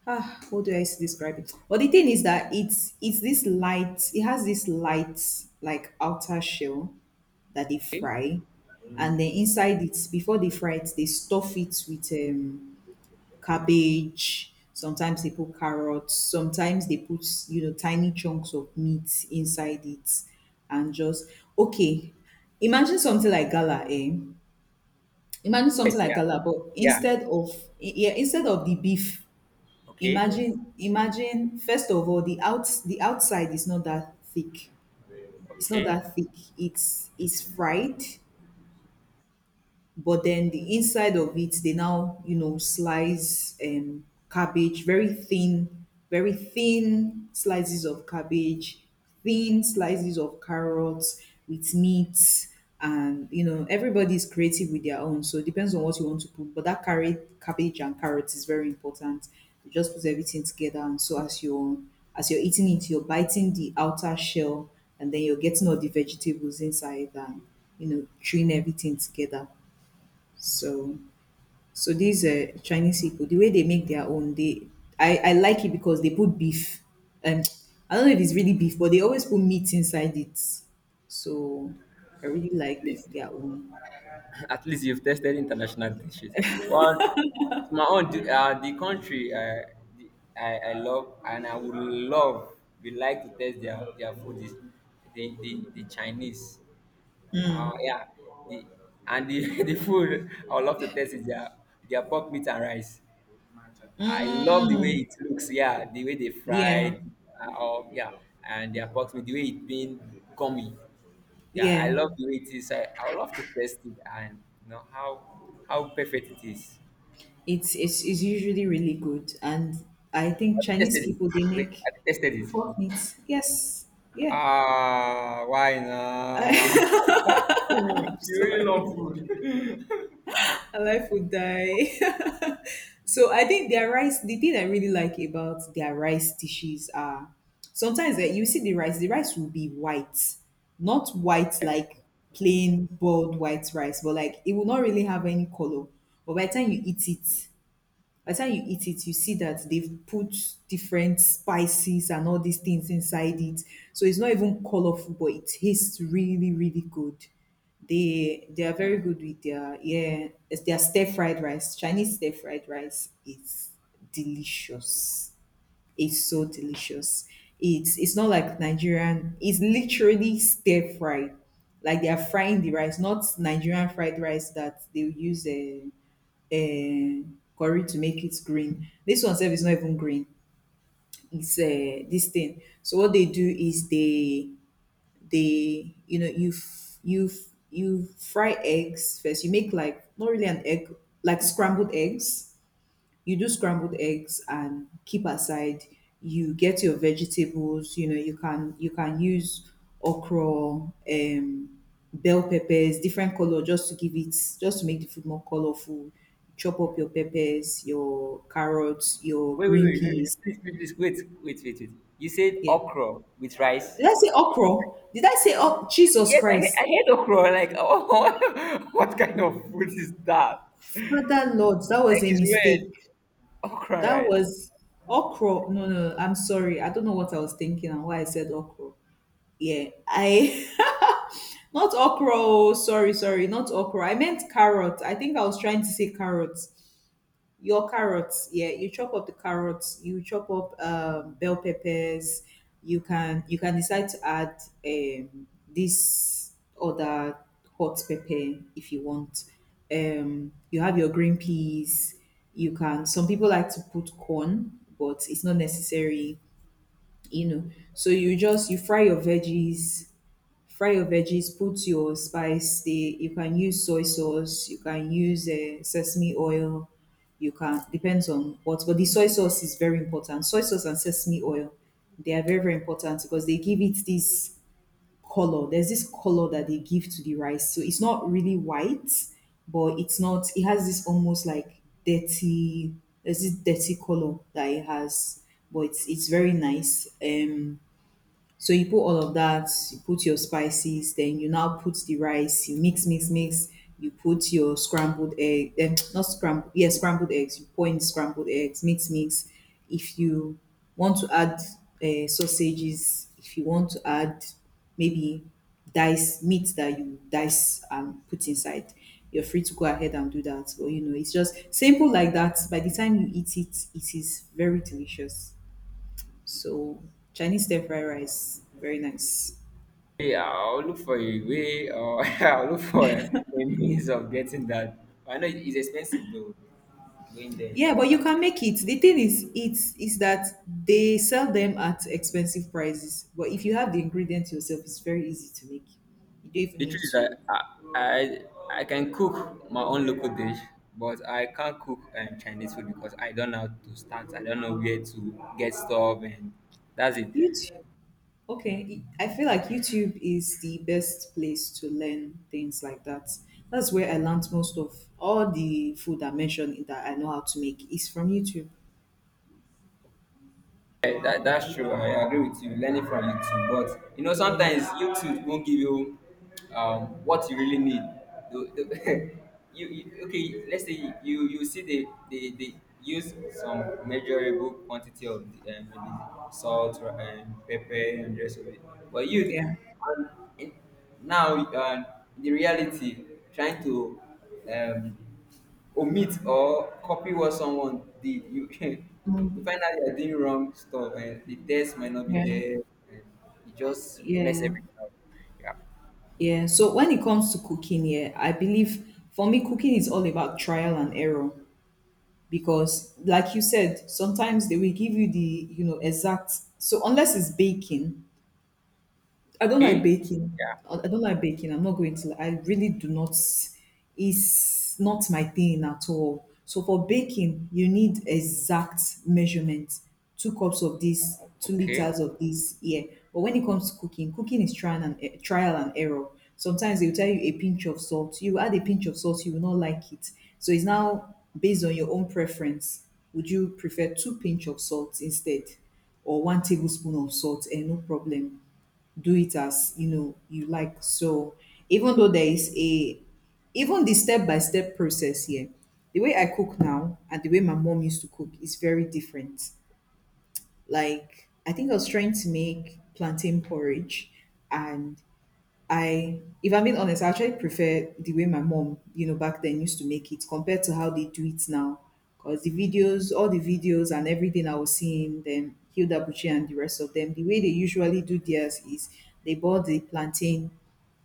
A: Ah, how do I describe it? But the thing is that it's this light. It has this light, like, outer shell that they fry, and then inside it, before they fry it, they stuff it with cabbage. Sometimes they put carrots. Sometimes they put, tiny chunks of meat inside it and just, okay, imagine something like gala, eh? Imagine something
B: Yes,
A: like
B: yeah,
A: gala, but
B: yeah.
A: instead of, yeah, instead of the beef,
B: Okay,
A: imagine, first of all, the outside is not that thick. It's not
B: okay.
A: that thick. It's fried, but then the inside of it, they now slice cabbage, very thin, very thin slices of cabbage, thin slices of carrots with meat. And everybody's creative with their own, so it depends on what you want to put, but that carrot, cabbage and carrots is very important. You just put everything together, and so as you're eating it, you're biting the outer shell, and then you're getting all the vegetables inside and chewing everything together. so, so these Chinese people, the way they make their own, they I like it because they put beef. And I don't know if it's really beef, but they always put meat inside it. So I really like
B: Please.
A: their own.
B: (laughs) At least you've tested international dishes. But to my own, the country I love and I would love, we like to test their food is the Chinese. Yeah, the, and the, (laughs) the food I would love to test is their pork meat and rice. I love the way
A: Mm,
B: it looks. Yeah, the way they
A: yeah,
B: fried, yeah, and the approximate, the way it being gummy. Yeah, I
A: yeah.
B: love the way it is. I would love to test it and you know how perfect it is.
A: It's usually really good, and I think
B: Have you
A: Chinese
B: tested it?
A: people they
B: Wait,
A: make
B: have you tested it?
A: pork meat. Yes, yeah.
B: Ah, why
A: (laughs)
B: not? (laughs)
A: I'm sorry. Our life would die. (laughs) so I think their rice, the thing I really like about their rice dishes are, sometimes, that you see the rice will be white, not white like plain boiled white rice, but like it will not really have any color. But by the time you eat it, by the time you eat it, you see that they've put different spices and all these things inside it. So it's not even colorful, but it tastes really, really good. They are
B: Mm.
A: very good with their... yeah, it's their stir fried rice. Chinese stir fried rice is delicious, is so delicious. It's not like Nigerian. It's literally stir fried. Like, they are frying the rice, not Nigerian fried rice that they use a curry to make it green. This one self is not even green. It's this thing. So what they do is they you fry eggs first. You make, like, not really an egg, like scrambled eggs. You do scrambled eggs and keep aside. You get your vegetables. You can use okra, bell peppers, different color, just to give it, just to make the food more colorful. Chop up your peppers, your carrots, your
B: Wait, wait,
A: green
B: wait, wait,
A: peas.
B: wait. Please, please, please, wait. You said
A: Yeah,
B: okra with rice.
A: did I say okra? Did I say... oh, Jesus
B: Yes,
A: Christ,
B: I heard okra. Like, (laughs) oh, what kind of food is that?
A: Father Lord, that was
B: Like,
A: a
B: it's weird.
A: mistake.
B: Okra
A: That
B: rice.
A: was... okra, no, no, I'm sorry, I don't know what I was thinking and why I said okra. Yeah, I... (laughs) Not okra. Oh, sorry, sorry, not okra. I meant carrot. I think I was trying to say carrots. Your carrots, yeah. You chop up the carrots. You chop up bell peppers. You can decide to add this other hot pepper if you want. You have your green peas. You can. Some people like to put corn, but it's not necessary. You know. So you just you fry your veggies. Fry your veggies, put your spice there. You can use soy sauce, you can use sesame oil, you can, depends on what, but the soy sauce is very important. Soy sauce and sesame oil, they are very, very important because they give it this color. There's this color that they give to the rice. So it's not really white, but it's not, it has this almost like dirty, there's this dirty color that it has, but it's very nice. So you put all of that, you put your spices, then you now put the rice, you mix, mix, mix, you put your scrambled (tsk) not scrambled, yeah, scrambled eggs, you pour in scrambled eggs, mix, mix. If you want to add sausages, if you want to add maybe dice meat that you dice and put inside, you're free to go ahead and do that. But you know, it's just simple like that. By the time you eat it, it is very delicious. So Chinese stir fried rice, very nice.
B: Hey, I'll look for a way or (laughs) I'll look for a, means of getting that. I know it's expensive though, going there.
A: Yeah, but you
B: Yeah.
A: can make it. The thing is, it's is that they sell them at expensive prices. But if you have the ingredients yourself, it's very easy to make. You don't even
B: The
A: need
B: truth is
A: to...
B: that I I can cook my own local dish, but I can't cook Chinese food because I don't know how to start. I don't know where to get stuff, and that's it.
A: YouTube. Okay, I feel like YouTube is the best place to learn things like that. That's where I learned most of all the food I mentioned that I know how to make is from YouTube.
B: Yeah, that's true. I agree with you. Learning from YouTube, but you know
A: Yeah,
B: sometimes YouTube won't give you what you really need. The- the- (laughs) you okay? Let's say you see they use some measurable quantity of the, maybe salt, or pepper, and the rest of it. But you,
A: yeah.
B: and now the reality trying to um, omit or copy what someone did you (laughs) you find
A: Mm,
B: out you're doing wrong stuff and the test might not be
A: yeah,
B: there, and you just mess
A: yeah.
B: everything up. Yeah.
A: Yeah, so when it comes to cooking, yeah, I believe, for me, cooking is all about trial and error because, like you said, sometimes they will give you the, exact. So unless it's baking, I don't like baking. I don't like baking. I'm not going to. I really do not. It's not my thing at all. So for baking, you need exact measurements: 2 cups of this, 2 liters of this. Yeah. But when it comes to cooking, cooking is trial and trial and error. Sometimes they will tell you a pinch of salt. You add a pinch of salt, you will not like it. So it's now based on your own preference. Would you prefer 2 pinch of salt instead, or 1 tablespoon of salt? And no problem, do it as you know you like. So, even though there is a... even the step by step process here, the way I cook now and the way my mom used to cook is very different. Like, I think I was trying to make plantain porridge, and I, if I'm being honest, I actually prefer the way my mom, you know, back then used to make it compared to how they do it now. Because the videos, all the videos and everything I was seeing, them, Hilda Buchi and the rest of them, the way they usually do theirs is they boil the plantain,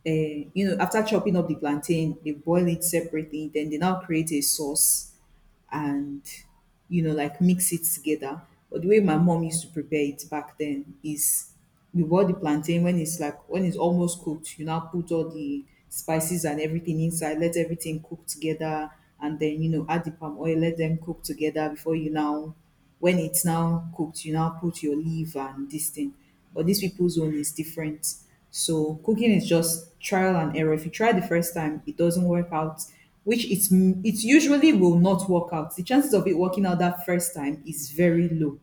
A: you know, after chopping up the plantain, they boil it separately, then they now create a sauce and, you know, like, mix it together. But the way my mom used to prepare it back then is, we bought the plantain when it's like, when it's almost cooked, you now put all the spices and everything inside, let everything cook together, and then you know, add the palm oil, let them cook together before you now, when it's now cooked, you now put your leaf and this thing, but these people's own is different. So cooking is just trial and error. If you try the first time, it doesn't work out, which it usually will not work out. The chances of it working out that first time is very low.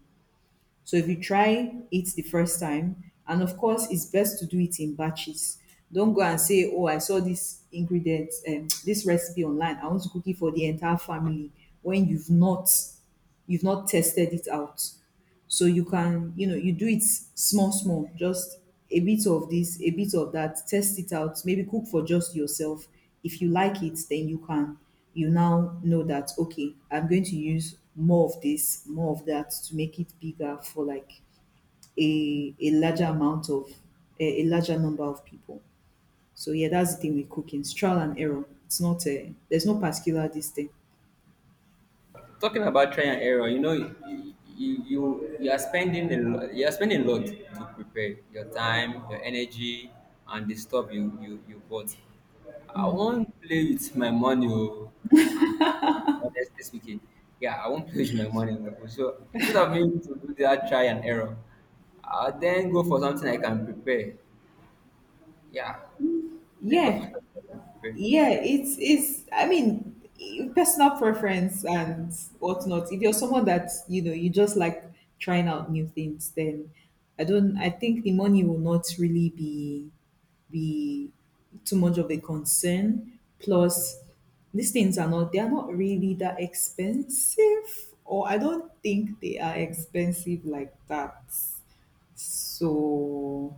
A: So if you try it the first time, and of course, it's best to do it in batches. Don't go and say, "Oh, I saw this ingredient, (tsk) this recipe online. I want to cook it for the entire family." When you've not tested it out. So you can, you know, you do it small, small, just a bit of this, a bit of that, test it out, maybe cook for just yourself. If you like it, then you can, you now know that, okay, I'm going to use more of this, more of that to make it bigger for like a larger amount of, a larger number of people. So yeah, that's the thing with cooking. It's trial and error. It's not a, there's no particular this thing.
B: Talking about trial and error, you know, you are spending a you are spending a lot to prepare your time, your energy, and the stuff you bought. I won't play with my money. Oh. Um, Honestly speaking, yeah, I won't (laughs) play with my money. Oh. So instead of me to do that try and error, I then go for something I can prepare. Yeah, then go for (laughs)
A: Yeah.
B: something I can prepare.
A: Yeah, it's, I mean, personal preference and whatnot. If you're someone that, you know, you just like trying out new things, then I don't I think the money will not really be be too much of a concern. Plus, these things are not, they are not really that expensive, or I don't think they are expensive like that. So,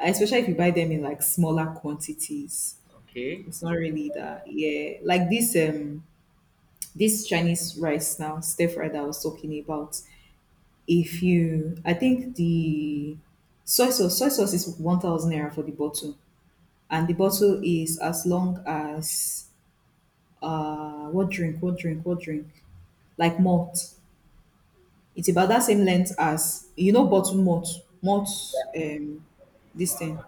A: especially if you buy them in like smaller quantities.
B: Okay,
A: It's not really that. Yeah. Like this, this Chinese rice now, stir fry that I was talking about. If you... I think the soy sauce is 1,000 naira for the bottle. And the bottle is as long as what drink? Like malt. It's about that same length as bottle malt. Malt um this thing.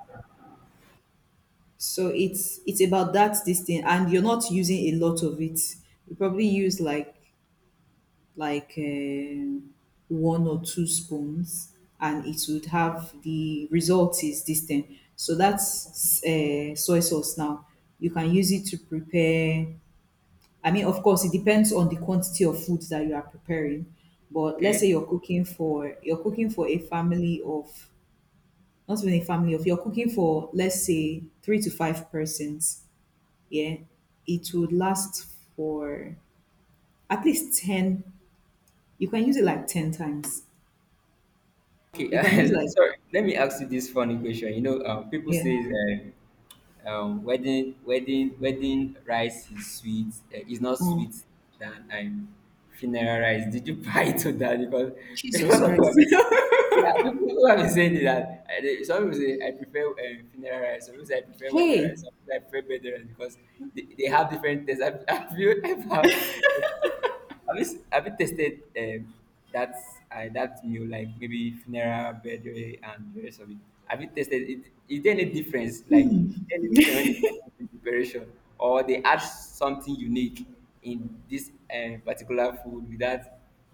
A: So it's about that this thing, and you're not using a lot of it. You probably use like one or two spoons, and it would have the result is This thing. So that's soy sauce now. You can use it to prepare. I mean, of course, it depends on the quantity of food that you are preparing. But let's say
B: okay.
A: you're cooking for a family of not even a family of you're cooking for, let's say, three to five persons. Yeah, it would last for at least ten. You can use it like ten times. You can use
B: Okay, (laughs)
A: like
B: sorry. Let me ask you this funny question. You know, people
A: yeah.
B: say wedding rice is sweet. It's not
A: Mm.
B: sweet than funeral rice. Did you (laughs) buy to that? Because (laughs) a
A: Jesus
B: lot of
A: Christ.
B: people have been, saying,
A: (laughs)
B: yeah, people have been saying that. Some people say I prefer funeral rice. Some people say I prefer wedding
A: Hey,
B: rice. Some people say I prefer birthday rice because they have different tastes. Have, (laughs) have you ever? (laughs) Have you tasted that that meal like maybe funeral, birthday, and the rest of it? Have you tasted it? Is there any difference? Like is there any difference when it comes to the preparation, or they add something unique in this particular food without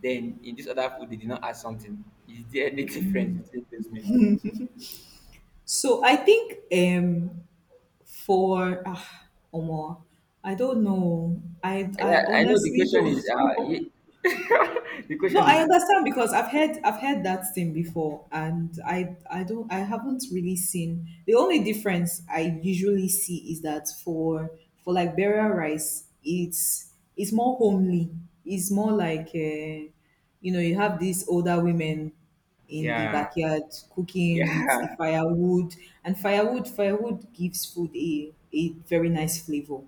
B: then in this other food they did not add something. Is there any (laughs) difference between those meals?
A: so I think for Omar, I don't know. I
B: Yeah,
A: I
B: I know the
A: honestly
B: question
A: don't
B: is
A: (laughs) know.
B: (laughs) the
A: No,
B: question
A: I
B: is
A: understand, because I've heard that thing before, and I haven't really seen. The only difference I usually see is that for like burial rice, it's more homely. It's more like you know, you have these older women in the backyard cooking with the
B: yeah
A: firewood, and firewood gives food a very nice flavor.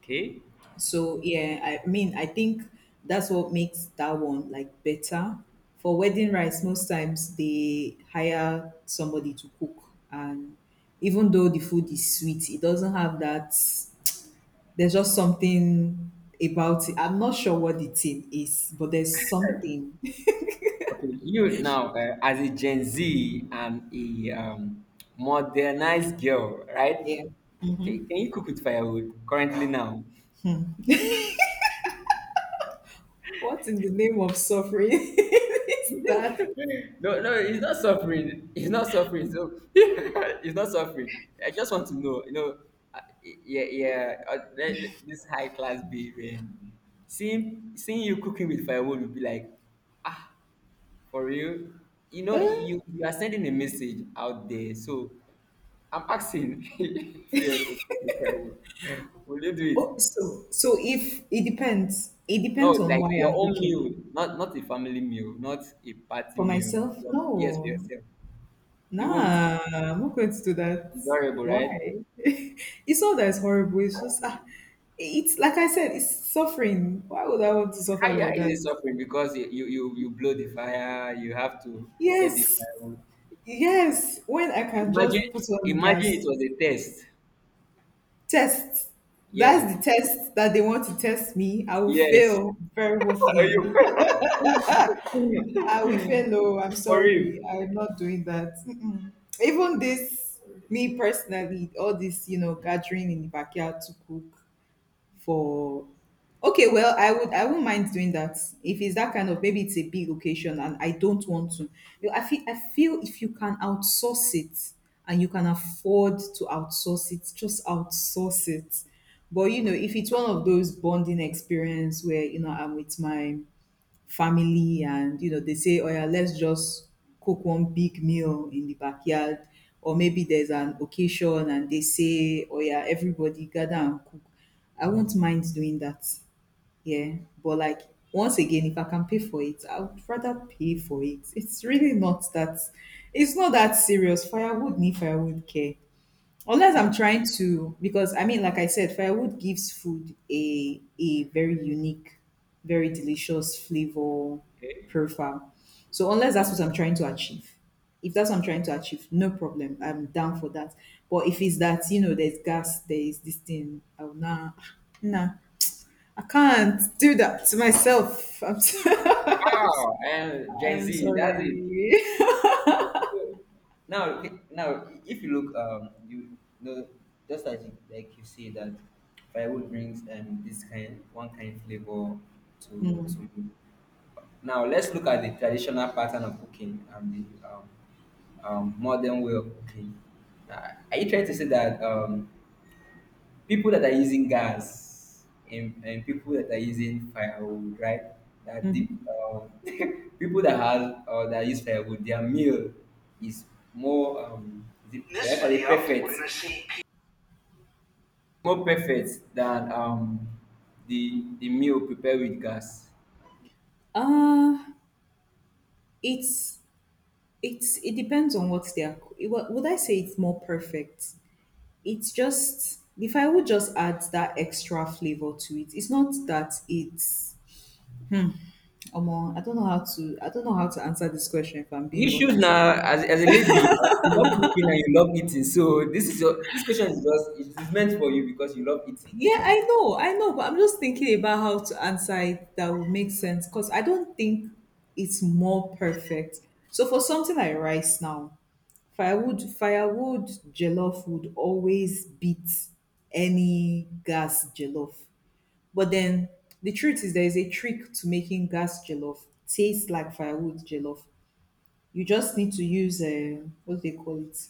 B: okay.
A: So yeah, I mean, I think that's what makes that one like better. For wedding rice, most times they hire somebody to cook, and even though the food is sweet, it doesn't have that. There's just something about it. I'm not sure what the thing is, but there's something. (laughs)
B: Okay, you now, as a Gen Z and a modernized girl, right?
A: Yeah.
B: Can you cook with firewood currently now?
A: What in the name of suffering (laughs)
B: (laughs)
A: is that?
B: No, no, it's not suffering. It's not suffering. So (laughs) it's not suffering. I just want to know, you know, yeah, yeah. This high class baby, and seeing you cooking with firewood would be like, ah, for real. You know,
A: Uh,
B: you are sending a message out there. So I'm asking (laughs) if you had to cook a firewood, will you do it?
A: Oh, so if it depends, it
B: No,
A: depends on
B: like
A: why
B: your
A: I'm
B: own
A: cooking.
B: meal, not not a family meal, not a party
A: For
B: meal.
A: myself,
B: Your- Yes, for
A: no.
B: yourself. You won't.
A: Nah, I'm not going to do that.
B: It's horrible,
A: Why?
B: right?
A: (laughs) It's not that it's horrible. It's just, ah, it's like I said, it's suffering. Why would I want to suffer
B: How
A: like
B: is
A: that?
B: it suffering? Because you, you blow the fire, you have to set the
A: Yes,
B: firewood.
A: yes. When I
B: Okay,
A: can
B: imagine
A: just put on
B: imagine it
A: gas,
B: was a test.
A: test.
B: Yeah.
A: That's the test. That they want to test me. I will
B: Yes.
A: fail very
B: (laughs) Are you
A: woefully. (laughs) I will fail low. I'm
B: for real?
A: sorry. I'm not doing that. Mm-mm. Even this, me personally, all this, gathering in the backyard to cook, for okay, well, I would not mind doing that if it's that kind of. Maybe it's a big location and I don't want to, I feel if you can outsource it and you can afford to outsource it, just outsource it. But you know, if it's one of those bonding experience where you know I'm with my family and you know they say, oh yeah, let's just cook one big meal in the backyard, or maybe there's an occasion and they say, oh yeah, everybody gather and cook, I won't mind doing that. Yeah. But like, once again, if I can pay for it, I would rather pay for it. It's really not that. It's not that serious. Firewood need firewood care unless I'm trying to. Because I mean, like I said, firewood gives food a very unique, very delicious flavor
B: Okay.
A: profile. So unless that's what I'm trying to achieve. If that's what I'm trying to achieve, no problem, I'm down for that. But if it's that, you know, there's gas, there is this thing, I will not. Nah, I can't do that to myself. (laughs)
B: Wow, and Gen
A: I'm
B: Z, that's it.
A: sorry.
B: So, so now, okay, now, if you look, you know, just as you, like you see that firewood brings this kind one kind flavor to now let's look at the traditional pattern of cooking and the modern way of cooking. Are you trying to say that people that are using gas and people that are using firewood, right? That deep
A: (laughs)
B: (laughs) people that have or that use firewood, their meal is more is it, should I call it perfect, more perfect than the meal prepared with gas.
A: uh it's It's, it depends on what they are. Would I say it's more perfect? It's just if I would just add that extra flavor to it. It's not that it's. Omo, I don't know how to. I don't know how to answer this question, if I'm being
B: Issues
A: honest.
B: now, as a lady, you love cooking and you love eating. So this is your this question is just it's meant for you because you love eating.
A: Yeah, I know, but I'm just thinking about how to answer it that would make sense, because I don't think it's more perfect. So for something like rice now, firewood jollof would always beat any gas jollof. But then the truth is, there is a trick to making gas jollof taste like firewood jollof. You just need to use what do they call it?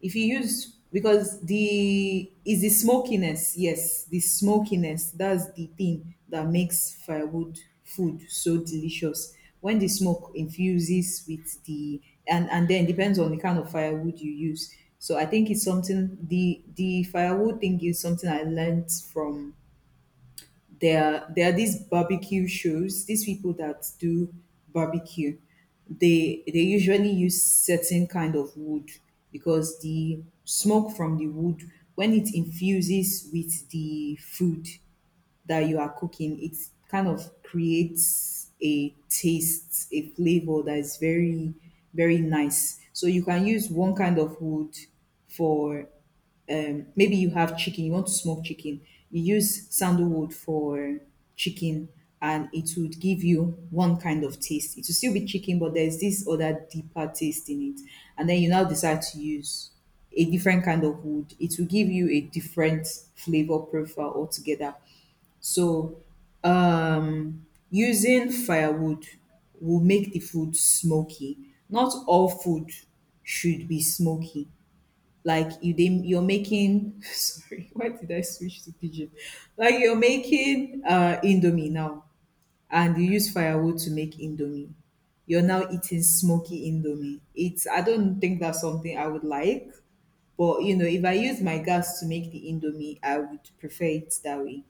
A: If you use, because the smokiness, yes, the smokiness, that's the thing that makes firewood food so delicious. When the smoke infuses with the, and then depends on the kind of firewood you use. So I think it's something. The firewood thing is something I learned from. There are these barbecue shows, these people that do barbecue, they usually use certain kind of wood, because the smoke from the wood, when it infuses with the food that you are cooking it, kind of creates a taste, a flavor that is very, very nice. So you can use one kind of wood for, maybe you have chicken, you want to smoke chicken, you use sandalwood for chicken, and it would give you one kind of taste. It will still be chicken, but there's this other deeper taste in it. And then you now decide to use a different kind of wood. It will give you a different flavor profile altogether. So, using firewood will make the food smoky. Not all food should be smoky. Like, you didn't, you're making (laughs) sorry, why did I switch to pigeon? Like, you're making indomie now, and you use firewood to make indomie, you're now eating smoky indomie. It's, I don't think that's something I would like. But you know, if I use my gas to make the indomie, I would prefer it that way.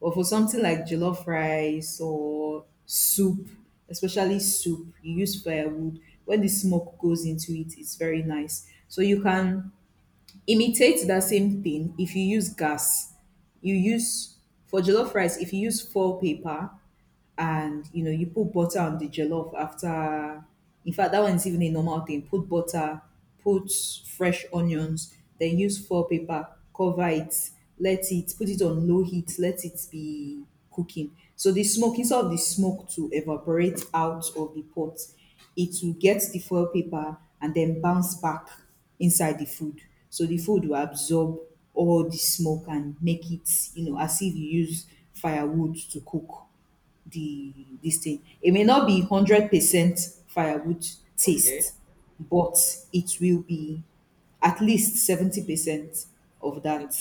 A: But for something like jollof rice or soup, especially soup, you use firewood. When the smoke goes into it, it's very nice. So you can imitate that same thing if you use gas. You use, for jollof rice, if you use foil paper, and you know, you put butter on the jollof after. In fact, that one is even a normal thing. Put butter, put fresh onions, then use foil paper, cover it, let it, put it on low heat, let it be cooking, so the smoke, instead of the smoke to evaporate out of the pot, it will get the foil paper and then bounce back inside the food. So the food will absorb all the smoke and make it, you know, as if you use firewood to cook the this thing. It may not be 100% firewood
B: Okay.
A: taste, but it will be at least 70% of that
B: See,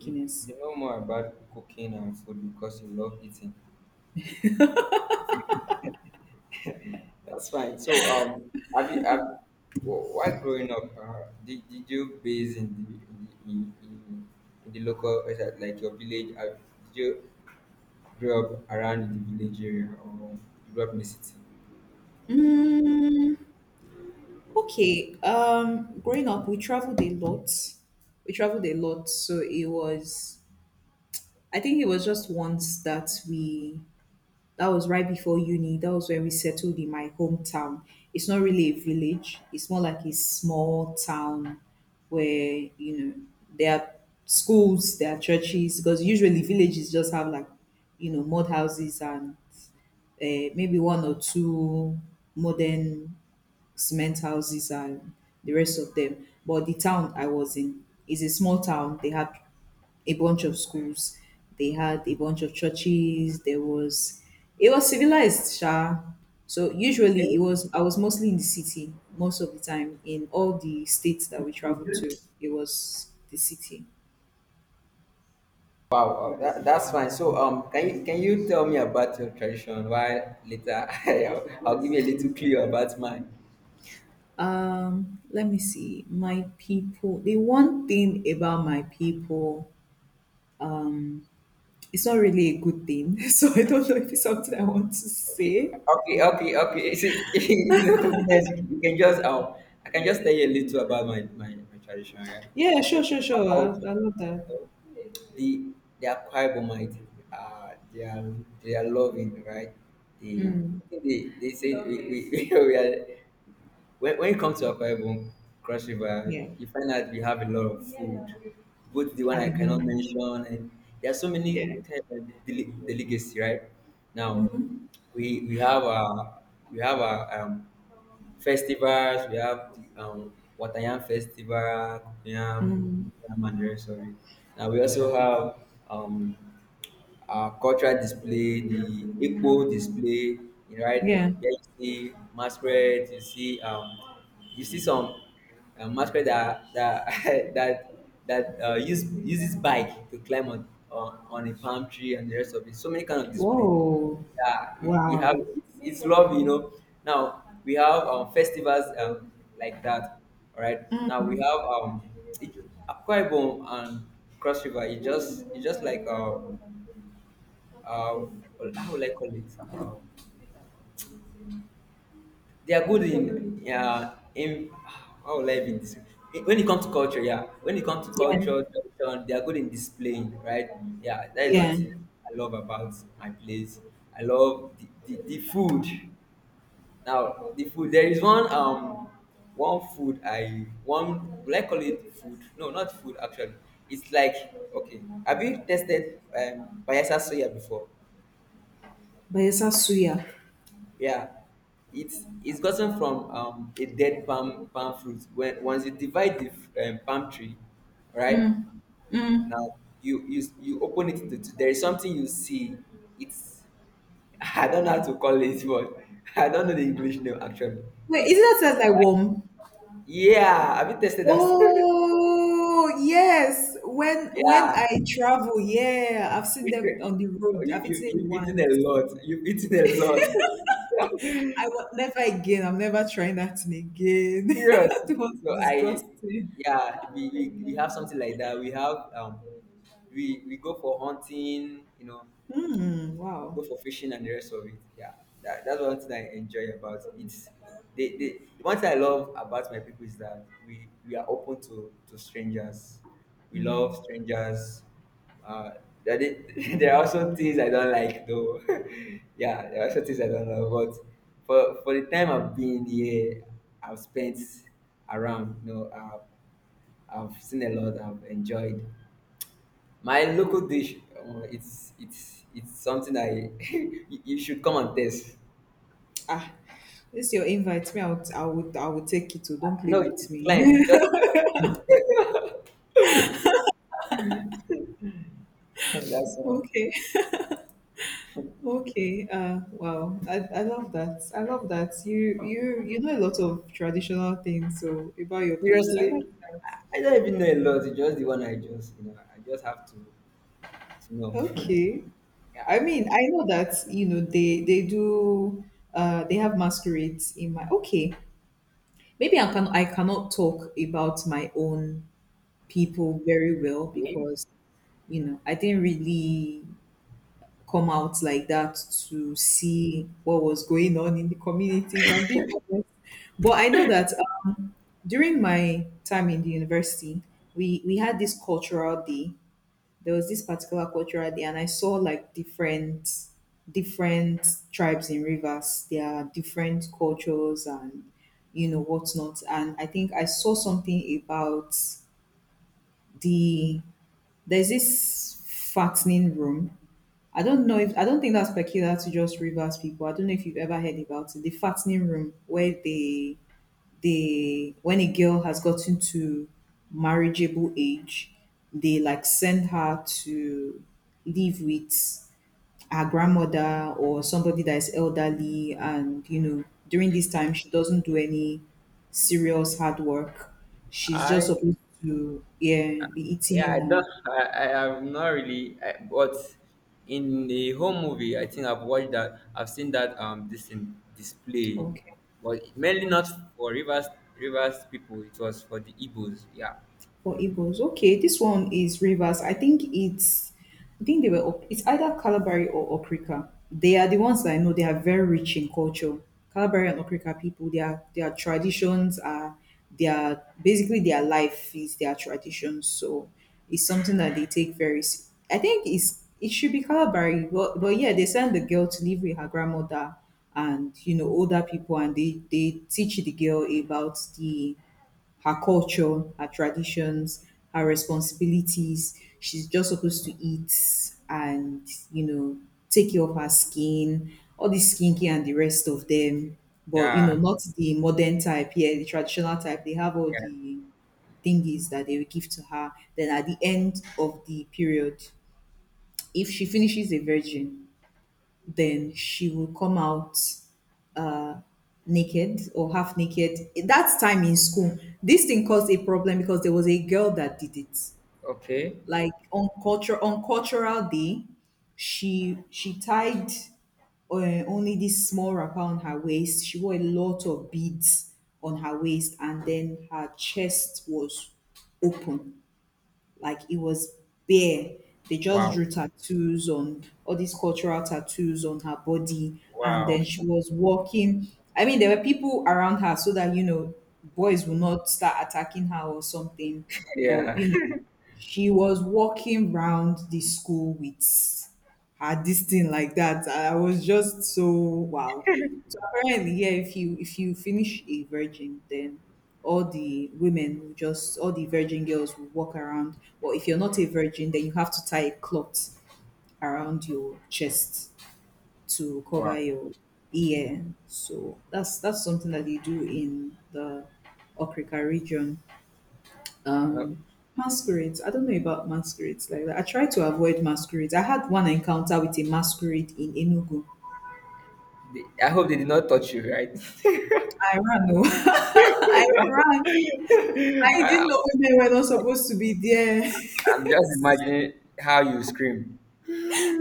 B: you, you know more about cooking and food because you love eating. That's fine. So, have, while growing up, did you base in in, in in the local, is that like your village? Did you grow up around the village area or you grew up in the city?
A: Mm, okay. Growing up, we traveled a lot. We traveled a lot, so it was. I think it was just once that we. That was right before uni. That was where we settled in my hometown. It's not really a village. It's more like a small town where, you know, there are schools, there are churches, because usually villages just have like, you know, mud houses and uh, maybe one or two modern cement houses and the rest of them. But the town I was in is a small town. They had a bunch of schools, they had a bunch of churches, there was, it was civilized, sha. So usually
B: Okay.
A: it was, I was mostly in the city most of the time in all the states that we traveled to. It was the city.
B: Wow, that's fine. So, can you tell me about your tradition? While later, (laughs) I'll give you a little clue about mine.
A: Let me see. My people. The one thing about my people, it's not really a good thing. (laughs) So I don't know if it's something I want to
B: Okay,
A: say.
B: okay, okay, okay. See, (laughs) no confidence. You can just I can just tell you a little about my tradition, right?
A: Yeah,
B: Okay,
A: sure, sure,
B: my
A: sure. I,
B: culture.
A: I love that.
B: So, the they are Quibomite. Uh, they are they are loving, right? They
A: Mm,
B: I think they say (laughs) we are when you come to Akwa Ibom Cross River,
A: yeah,
B: you find out we have a lot of food, both the one I
A: I know.
B: cannot mention and there are so
A: Yeah,
B: many kind of delicacy, right? Now we we have our we have our festivals. We have um, Watayam Festival, Yam and the rest of it. Now we also have um, our cultural display, the Igbo display, right?
A: yeah.
B: Where you see masquerade, you see some a masquerade that (laughs) that that uses bike to climb on, on a palm tree and the rest of it. So many kind of display.
A: Whoa,
B: Yeah, we have
A: wow.
B: it's love, you know. Now we have festivals like that. All right. Now
A: Mm,
B: we have it, Akwa Ibom and Cross River. It's just like uh, how will I call it? They are good in yeah in how will I even when it comes to culture, yeah. When it comes to
A: yeah,
B: culture, tradition, they are good in displaying, right? Yeah, that is one
A: yeah.
B: thing I love about my place. I love the food. Now the food there is one food I one will I call it food? No, not food actually. It's like okay. Have you tested payasa soya before?
A: But suya.
B: Yeah, it's gotten from a dead palm fruit. When once you divide the palm tree, right? Now you open it into to there is something you see. It's (laughs) I don't know how to call it, but (laughs) I don't know the English name actually.
A: Wait, isn't
B: It's
A: that sounds like warm?
B: yeah. Have you tested that? (laughs)
A: Oh yes, when
B: Yeah.
A: I travel, yeah, I've
B: (laughs)
A: seen them
B: you,
A: on the road. I've
B: you,
A: eaten it
B: you've eaten a
A: once.
B: lot. You've eaten a lot. (laughs)
A: I will never again. I'm never trying that thing again. (laughs)
B: Serious.
A: That was
B: So I,
A: disgusting.
B: yeah, we have something like that. We have we go for hunting.
A: Hmm.
B: You
A: Wow.
B: go for fishing and the rest of it. Yeah, that's one thing I enjoy about it. They, they, the one thing I love about my people is that we are open to strangers. We love strangers. Uh, (laughs) there are also things I don't like though. (laughs) Yeah, there are also things I don't love. But for the time I've been here, I've spent around, I've seen a lot, I've enjoyed. My local dish, it's something I (laughs) you should come and taste.
A: Ah, this your invite. Me, I would take it. Oh, don't play
B: No,
A: with me.
B: decline.
A: (laughs)
B: Just decline, please. (laughs) That's all.
A: okay, okay. Wow. I love that. I love that. You know a lot of traditional things. So about your place, I
B: Seriously,
A: like that.
B: I don't even know a lot. It's just the one I just I just have to know.
A: Okay.
B: (laughs) Yeah,
A: I mean, I know that you know they do. They have masquerades in my. Okay. Maybe I can, I cannot talk about my own people very well because you know, I didn't really come out like that to see what was going on in the community, if I'm being honest. But I know that um, during my time in the university, we had this cultural day. There was this particular cultural day, and I saw like different tribes in rivers. There are different cultures and you know whatnot. And I think I saw something about the there's this fattening room. I don't know if, I don't think that's peculiar to just Rivers people. I don't know if you've ever heard about it. The fattening room where they when a girl has gotten to marriageable age, they like send her to live with her grandmother or somebody that is elderly and you know, during this time she doesn't do any serious hard work. She's just
B: I
A: supposed to, yeah, be
B: yeah, I
A: eating
B: don't.
A: and
B: I have not really. I, but in the home movie, I think I've watched that. I've seen that this in display,
A: okay.
B: but mainly not for rivers people. It was for the Igbos. Yeah,
A: For Igbos. Okay, this one is Rivers. I think they were it's either Calabari or Okrika. They are the ones that I know. They are very rich in culture. Calabari and Okrika people. Their traditions are their basically their life is their traditions. So it's something that they take I think it should be Calabari, but yeah, they send the girl to live with her grandmother and you know older people, and they teach the girl about the her culture, her traditions, her responsibilities. She's just supposed to eat and, you know, take care of her skin, all this skincare and the rest of them. But, you know,
B: yeah,
A: not the modern type, yeah, the traditional type. They have all
B: yeah.
A: the thingies that they will give to her. Then at the end of the period, if she finishes a virgin, then she will come out uh, naked or half naked. That time in school, this thing caused a problem because there was a girl that did it.
B: Okay.
A: Like on culture on cultural day, she tied uh, only this small wrapper on her waist. She wore a lot of beads on her waist, and then her chest was open like it was bare. They just
B: Wow.
A: drew tattoos on all these cultural tattoos on her body. And
B: Wow.
A: then she
B: (laughs)
A: was walking. I mean, there were people around her so that, you know, boys will not start attacking her or something. But,
B: Yeah.
A: you know,
B: (laughs)
A: she was walking round the school with had this thing like that. I was just so wow. So apparently, yeah, if you finish a virgin, then all the virgin girls will walk around. Or if you're not a virgin, then you have to tie a cloth around your chest to cover
B: Wow.
A: your ear. So that's something that they do in the Okrika region.
B: Well,
A: um Masquerades, I don't know about masquerades like that. I try to avoid masquerades. I had one encounter with a masquerade in Enugu.
B: I hope they did not touch you, right?
A: I ran, oh.
B: (laughs)
A: (laughs) I ran. I didn't
B: I,
A: know women were not supposed to be there. (laughs)
B: I'm just imagining how you scream.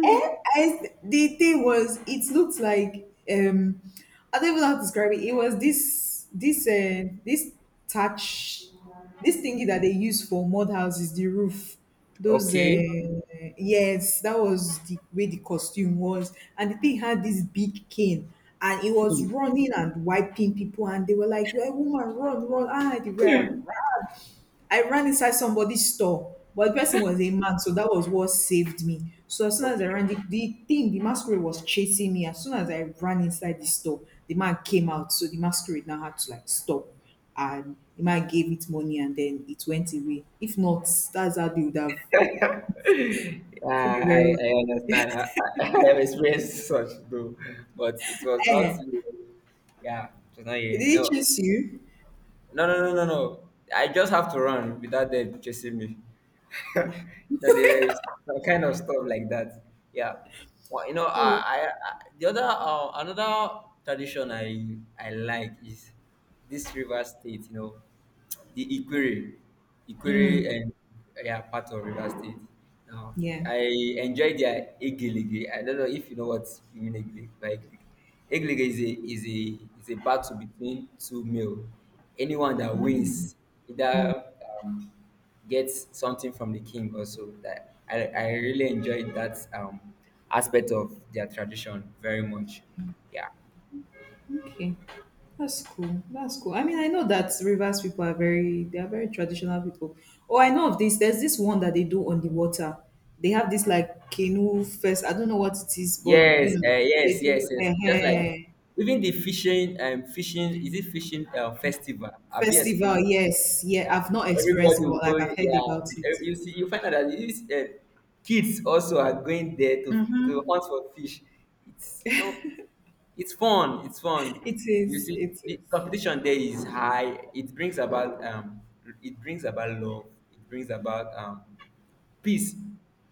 A: Eh, I, the thing was, it looked like I don't even know how to describe it. It was this touch, this thingy that they use for mud houses, the roof. Those
B: Okay.
A: yes, that was the way the costume was, and the thing had this big cane. And it was running and wiping people, and they were like, "You're a woman, run, run!" Ah, they were I ran inside somebody's store, but the person was a man, so that was what saved me. So as soon as I
B: Okay.
A: ran, the thing, the masquerade was chasing me. As soon as I ran inside the store, the man came out. So the masquerade now had to like stop. And the man gave it money and then it went away. If not, that's how they would have
B: (laughs) Yeah,
A: seen me very well.
B: I understand. I, (laughs) I have experienced (laughs) such though, but it was
A: Eh,
B: not you. Yeah, it was not
A: did
B: you.
A: it
B: No,
A: chase you?
B: no, no, no, no, no. I just have to run without them chasing me. (laughs) No, there is some kind of stuff like that. Yeah. Well, you know,
A: Oh,
B: I the other another tradition I like is this river state. You know, the Ikwere, and yeah, part of Rivers State. Now,
A: yeah.
B: I enjoy their Egelige. I don't know if you know what you mean Egelige by Egelige. Egelige is a battle between two male. Anyone that wins either um, gets something from the king also. That I really enjoyed that aspect of their tradition very much. Yeah.
A: Okay. That's cool. That's cool. I mean, I know that Rivers people are very they are very traditional people. Oh, I know of this. There's this one that they do on the water. They have this like canoe fest. I don't know what it is, but you
B: Yes,
A: know, they
B: yes, yes,
A: do
B: yes. It's just like
A: a
B: even the fishing fishing is it fishing festival? Have you
A: festival.
B: experienced?
A: Yes, yeah.
B: Yeah,
A: I've not
B: everybody
A: experienced it,
B: will
A: but like
B: go.
A: I've heard about
B: Yeah,
A: it.
B: you see, you find out that these kids also are going there to
A: Mm-hmm.
B: hunt for fish. It's no, it's fun. It's fun.
A: It
B: You
A: is.
B: see,
A: It is.
B: the competition there is high. It brings about love. It brings about peace,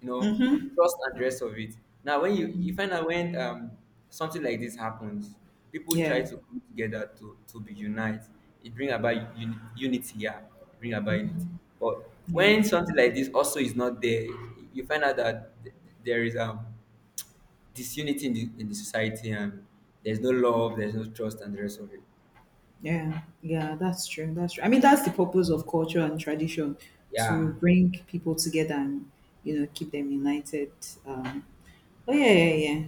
B: you know, trust and the rest of it. Now, when you find out when something like this happens, people try
A: Yeah.
B: to come together to be unite. It bring about unity. Yeah, it bring about unity. But
A: Yeah.
B: when something like this also is not there, you find out that there is disunity in the society and there's no love, there's no trust, and the rest of it.
A: Yeah. Yeah. That's true. That's true. I mean, that's the purpose of culture and tradition to
B: Yeah.
A: bring people together and you know keep them united. Um, Oh yeah, yeah, yeah,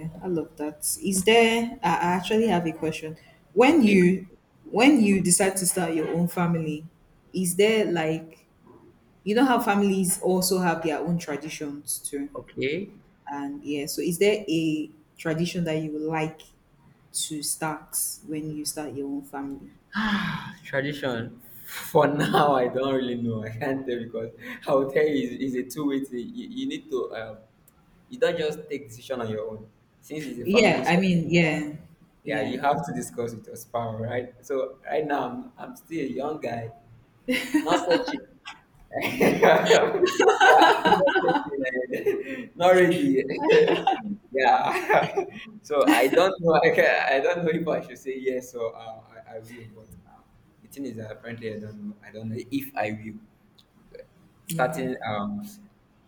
A: yeah. I love that. Is there? I actually have a question. When
B: Okay.
A: you when you decide to start your own family, is there like you know how families also have their own traditions too,
B: Okay.
A: and yeah. So is there a tradition that you would like to start when you start your own family?
B: Tradition. For (laughs) now, I don't really know. I can't tell because I will tell you it's a two-way thing. You need to you don't just take decision on your own. Since it's a
A: Yeah,
B: family
A: I mean,
B: something, yeah,
A: yeah,
B: yeah,
A: yeah.
B: you have to discuss with your spouse, right? So right now I'm still a young guy, not searching. (laughs) Yeah, (laughs) not ready. (laughs) Yeah. (laughs) So I don't know. I don't know if I should say yes or I will. But the thing is that apparently I don't know. I don't know if I will.
A: Okay.
B: Starting.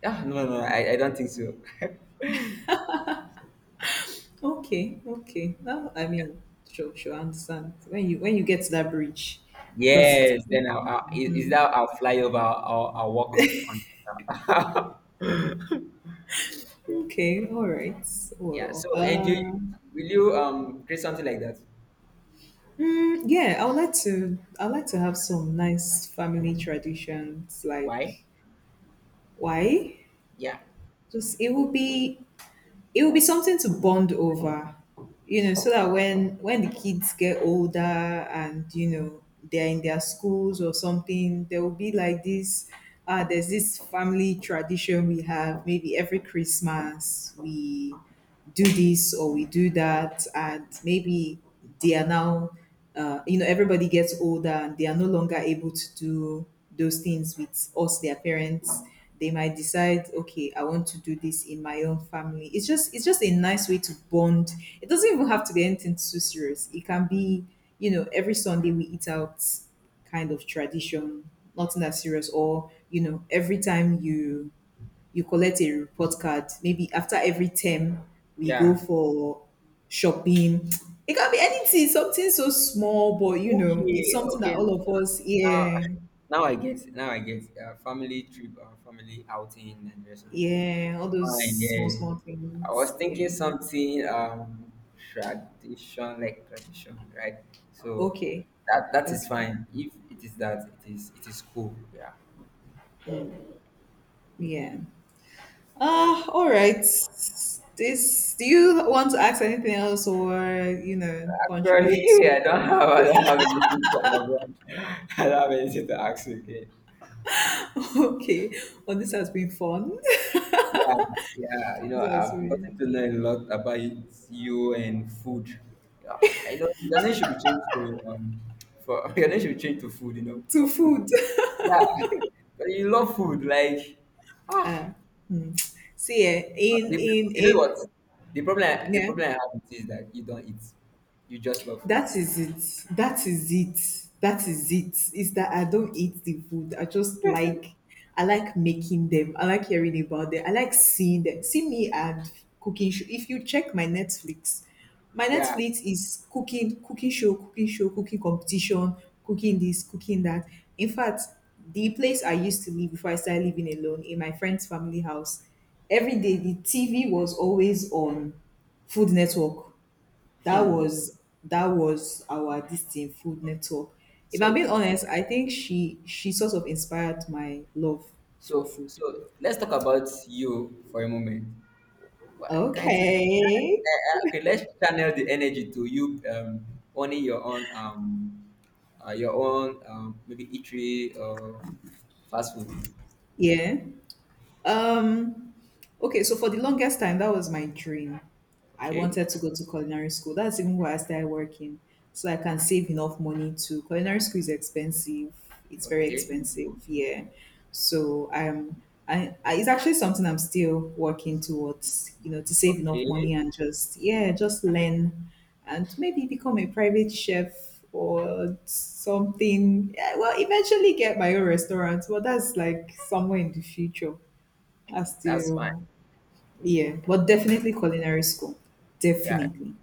B: Yeah. No. No. I don't think so. (laughs)
A: Okay, okay. Now, I mean, sure, sure, I understand. When you get to that bridge, cross it.
B: Yes. Then I'll is that I'll fly over. I'll walk on. (laughs)
A: Okay, all right.
B: Yeah.
A: Well,
B: So Andrew, will you create something like that?
A: mm, yeah, I would like to. I would like to have some nice family traditions.
B: Why?
A: Like, why?
B: Yeah.
A: Just it will be. It will be something to bond over, you know, so that when the kids get older and you know they're in their schools or something, there will be like this. There's this family tradition we have. Maybe every Christmas we do this or we do that and maybe they are now you know everybody gets older and they are no longer able to do those things with us their parents, they might decide okay I want to do this in my own family. It's just a nice way to bond. It doesn't even have to be anything too serious. It can be, you know, every Sunday we eat out kind of tradition, nothing that serious. Or you know every time you collect a report card. Maybe after every term, we go
B: Yeah.
A: for shopping. It can be anything, something so small, but you know, it's
B: Okay,
A: something that
B: okay.
A: all of us,
B: Now,
A: yeah,
B: now I get it. Family trip or family outing and rest of it.
A: yeah, all those
B: Fine,
A: small,
B: yeah.
A: small
B: I was
A: things.
B: thinking
A: Yeah.
B: something tradition like tradition, right? So
A: Okay.
B: that that is
A: Okay.
B: fine. If it is that, it is cool. Yeah.
A: Yeah. Ah, all right. This, do you want to ask anything else or, you know, contribute?
B: Actually, (laughs)
A: (laughs)
B: I don't have anything to (laughs) I don't have anything to ask you again.
A: Okay. Well, this has been fun. (laughs)
B: Yeah, yeah, you know,
A: This has
B: I've gotten
A: been
B: to learn a lot about you and food. Yeah, I know your name should be changed to for (laughs) your name should be changed to food, you know,
A: to
B: or food.
A: food.
B: Yeah, (laughs) but you love food, like ah,
A: See, eh,
B: but
A: in
B: you
A: a
B: know what? The
A: yeah.
B: problem I have with it is that you don't eat, you just love food.
A: That is it. That is it. That is it. It's that I don't eat the food. I just like, I like making them. I like hearing about them. I like seeing them. See me and cooking show. If you check my
B: Yeah,
A: Netflix is cooking, cooking show, cooking show, cooking competition, cooking this, cooking that. In fact, the place I used to live before I started living alone in my friend's family house, every day the TV was always on Food Network. That was our distinct food network. If I'm being
B: so
A: honest, I think she sort of inspired my love for
B: So,
A: food.
B: so let's talk about you for a moment. Why can't you?
A: Okay.
B: Okay, let's channel the energy to you owning your own maybe eatery or fast food.
A: Yeah. Um okay, so for the longest time, that was my dream. I
B: Okay,
A: wanted to go to culinary school. That's even why I started working, so I can save enough money to. Culinary school is expensive. It's very
B: okay,
A: expensive. Yeah, so I'm. It's actually something I'm still working towards, you know, to save enough
B: okay.
A: money and just, yeah, just learn and maybe become a private chef or something. Yeah, well, eventually get my own restaurant, but that's like somewhere in the future. I
B: That's fine.
A: still, yeah, but
B: That's-
A: definitely culinary school.
B: yeah,
A: Definitely.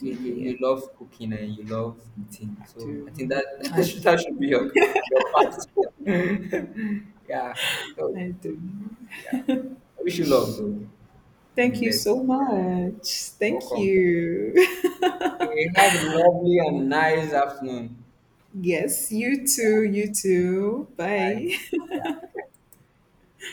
B: you, you,
A: yeah.
B: you love cooking and you love eating.
A: I
B: So
A: do.
B: I think that (laughs)
A: I,
B: that should be your part. (laughs) Yeah. So yeah.
A: I do.
B: I wish you luck though and the
A: Thank you
B: best.
A: so
B: Yeah.
A: much. Thank
B: Welcome.
A: you.
B: Okay, have a lovely and nice afternoon.
A: (laughs) yes, you too. You too.
B: Bye.
A: Bye.
B: Yeah.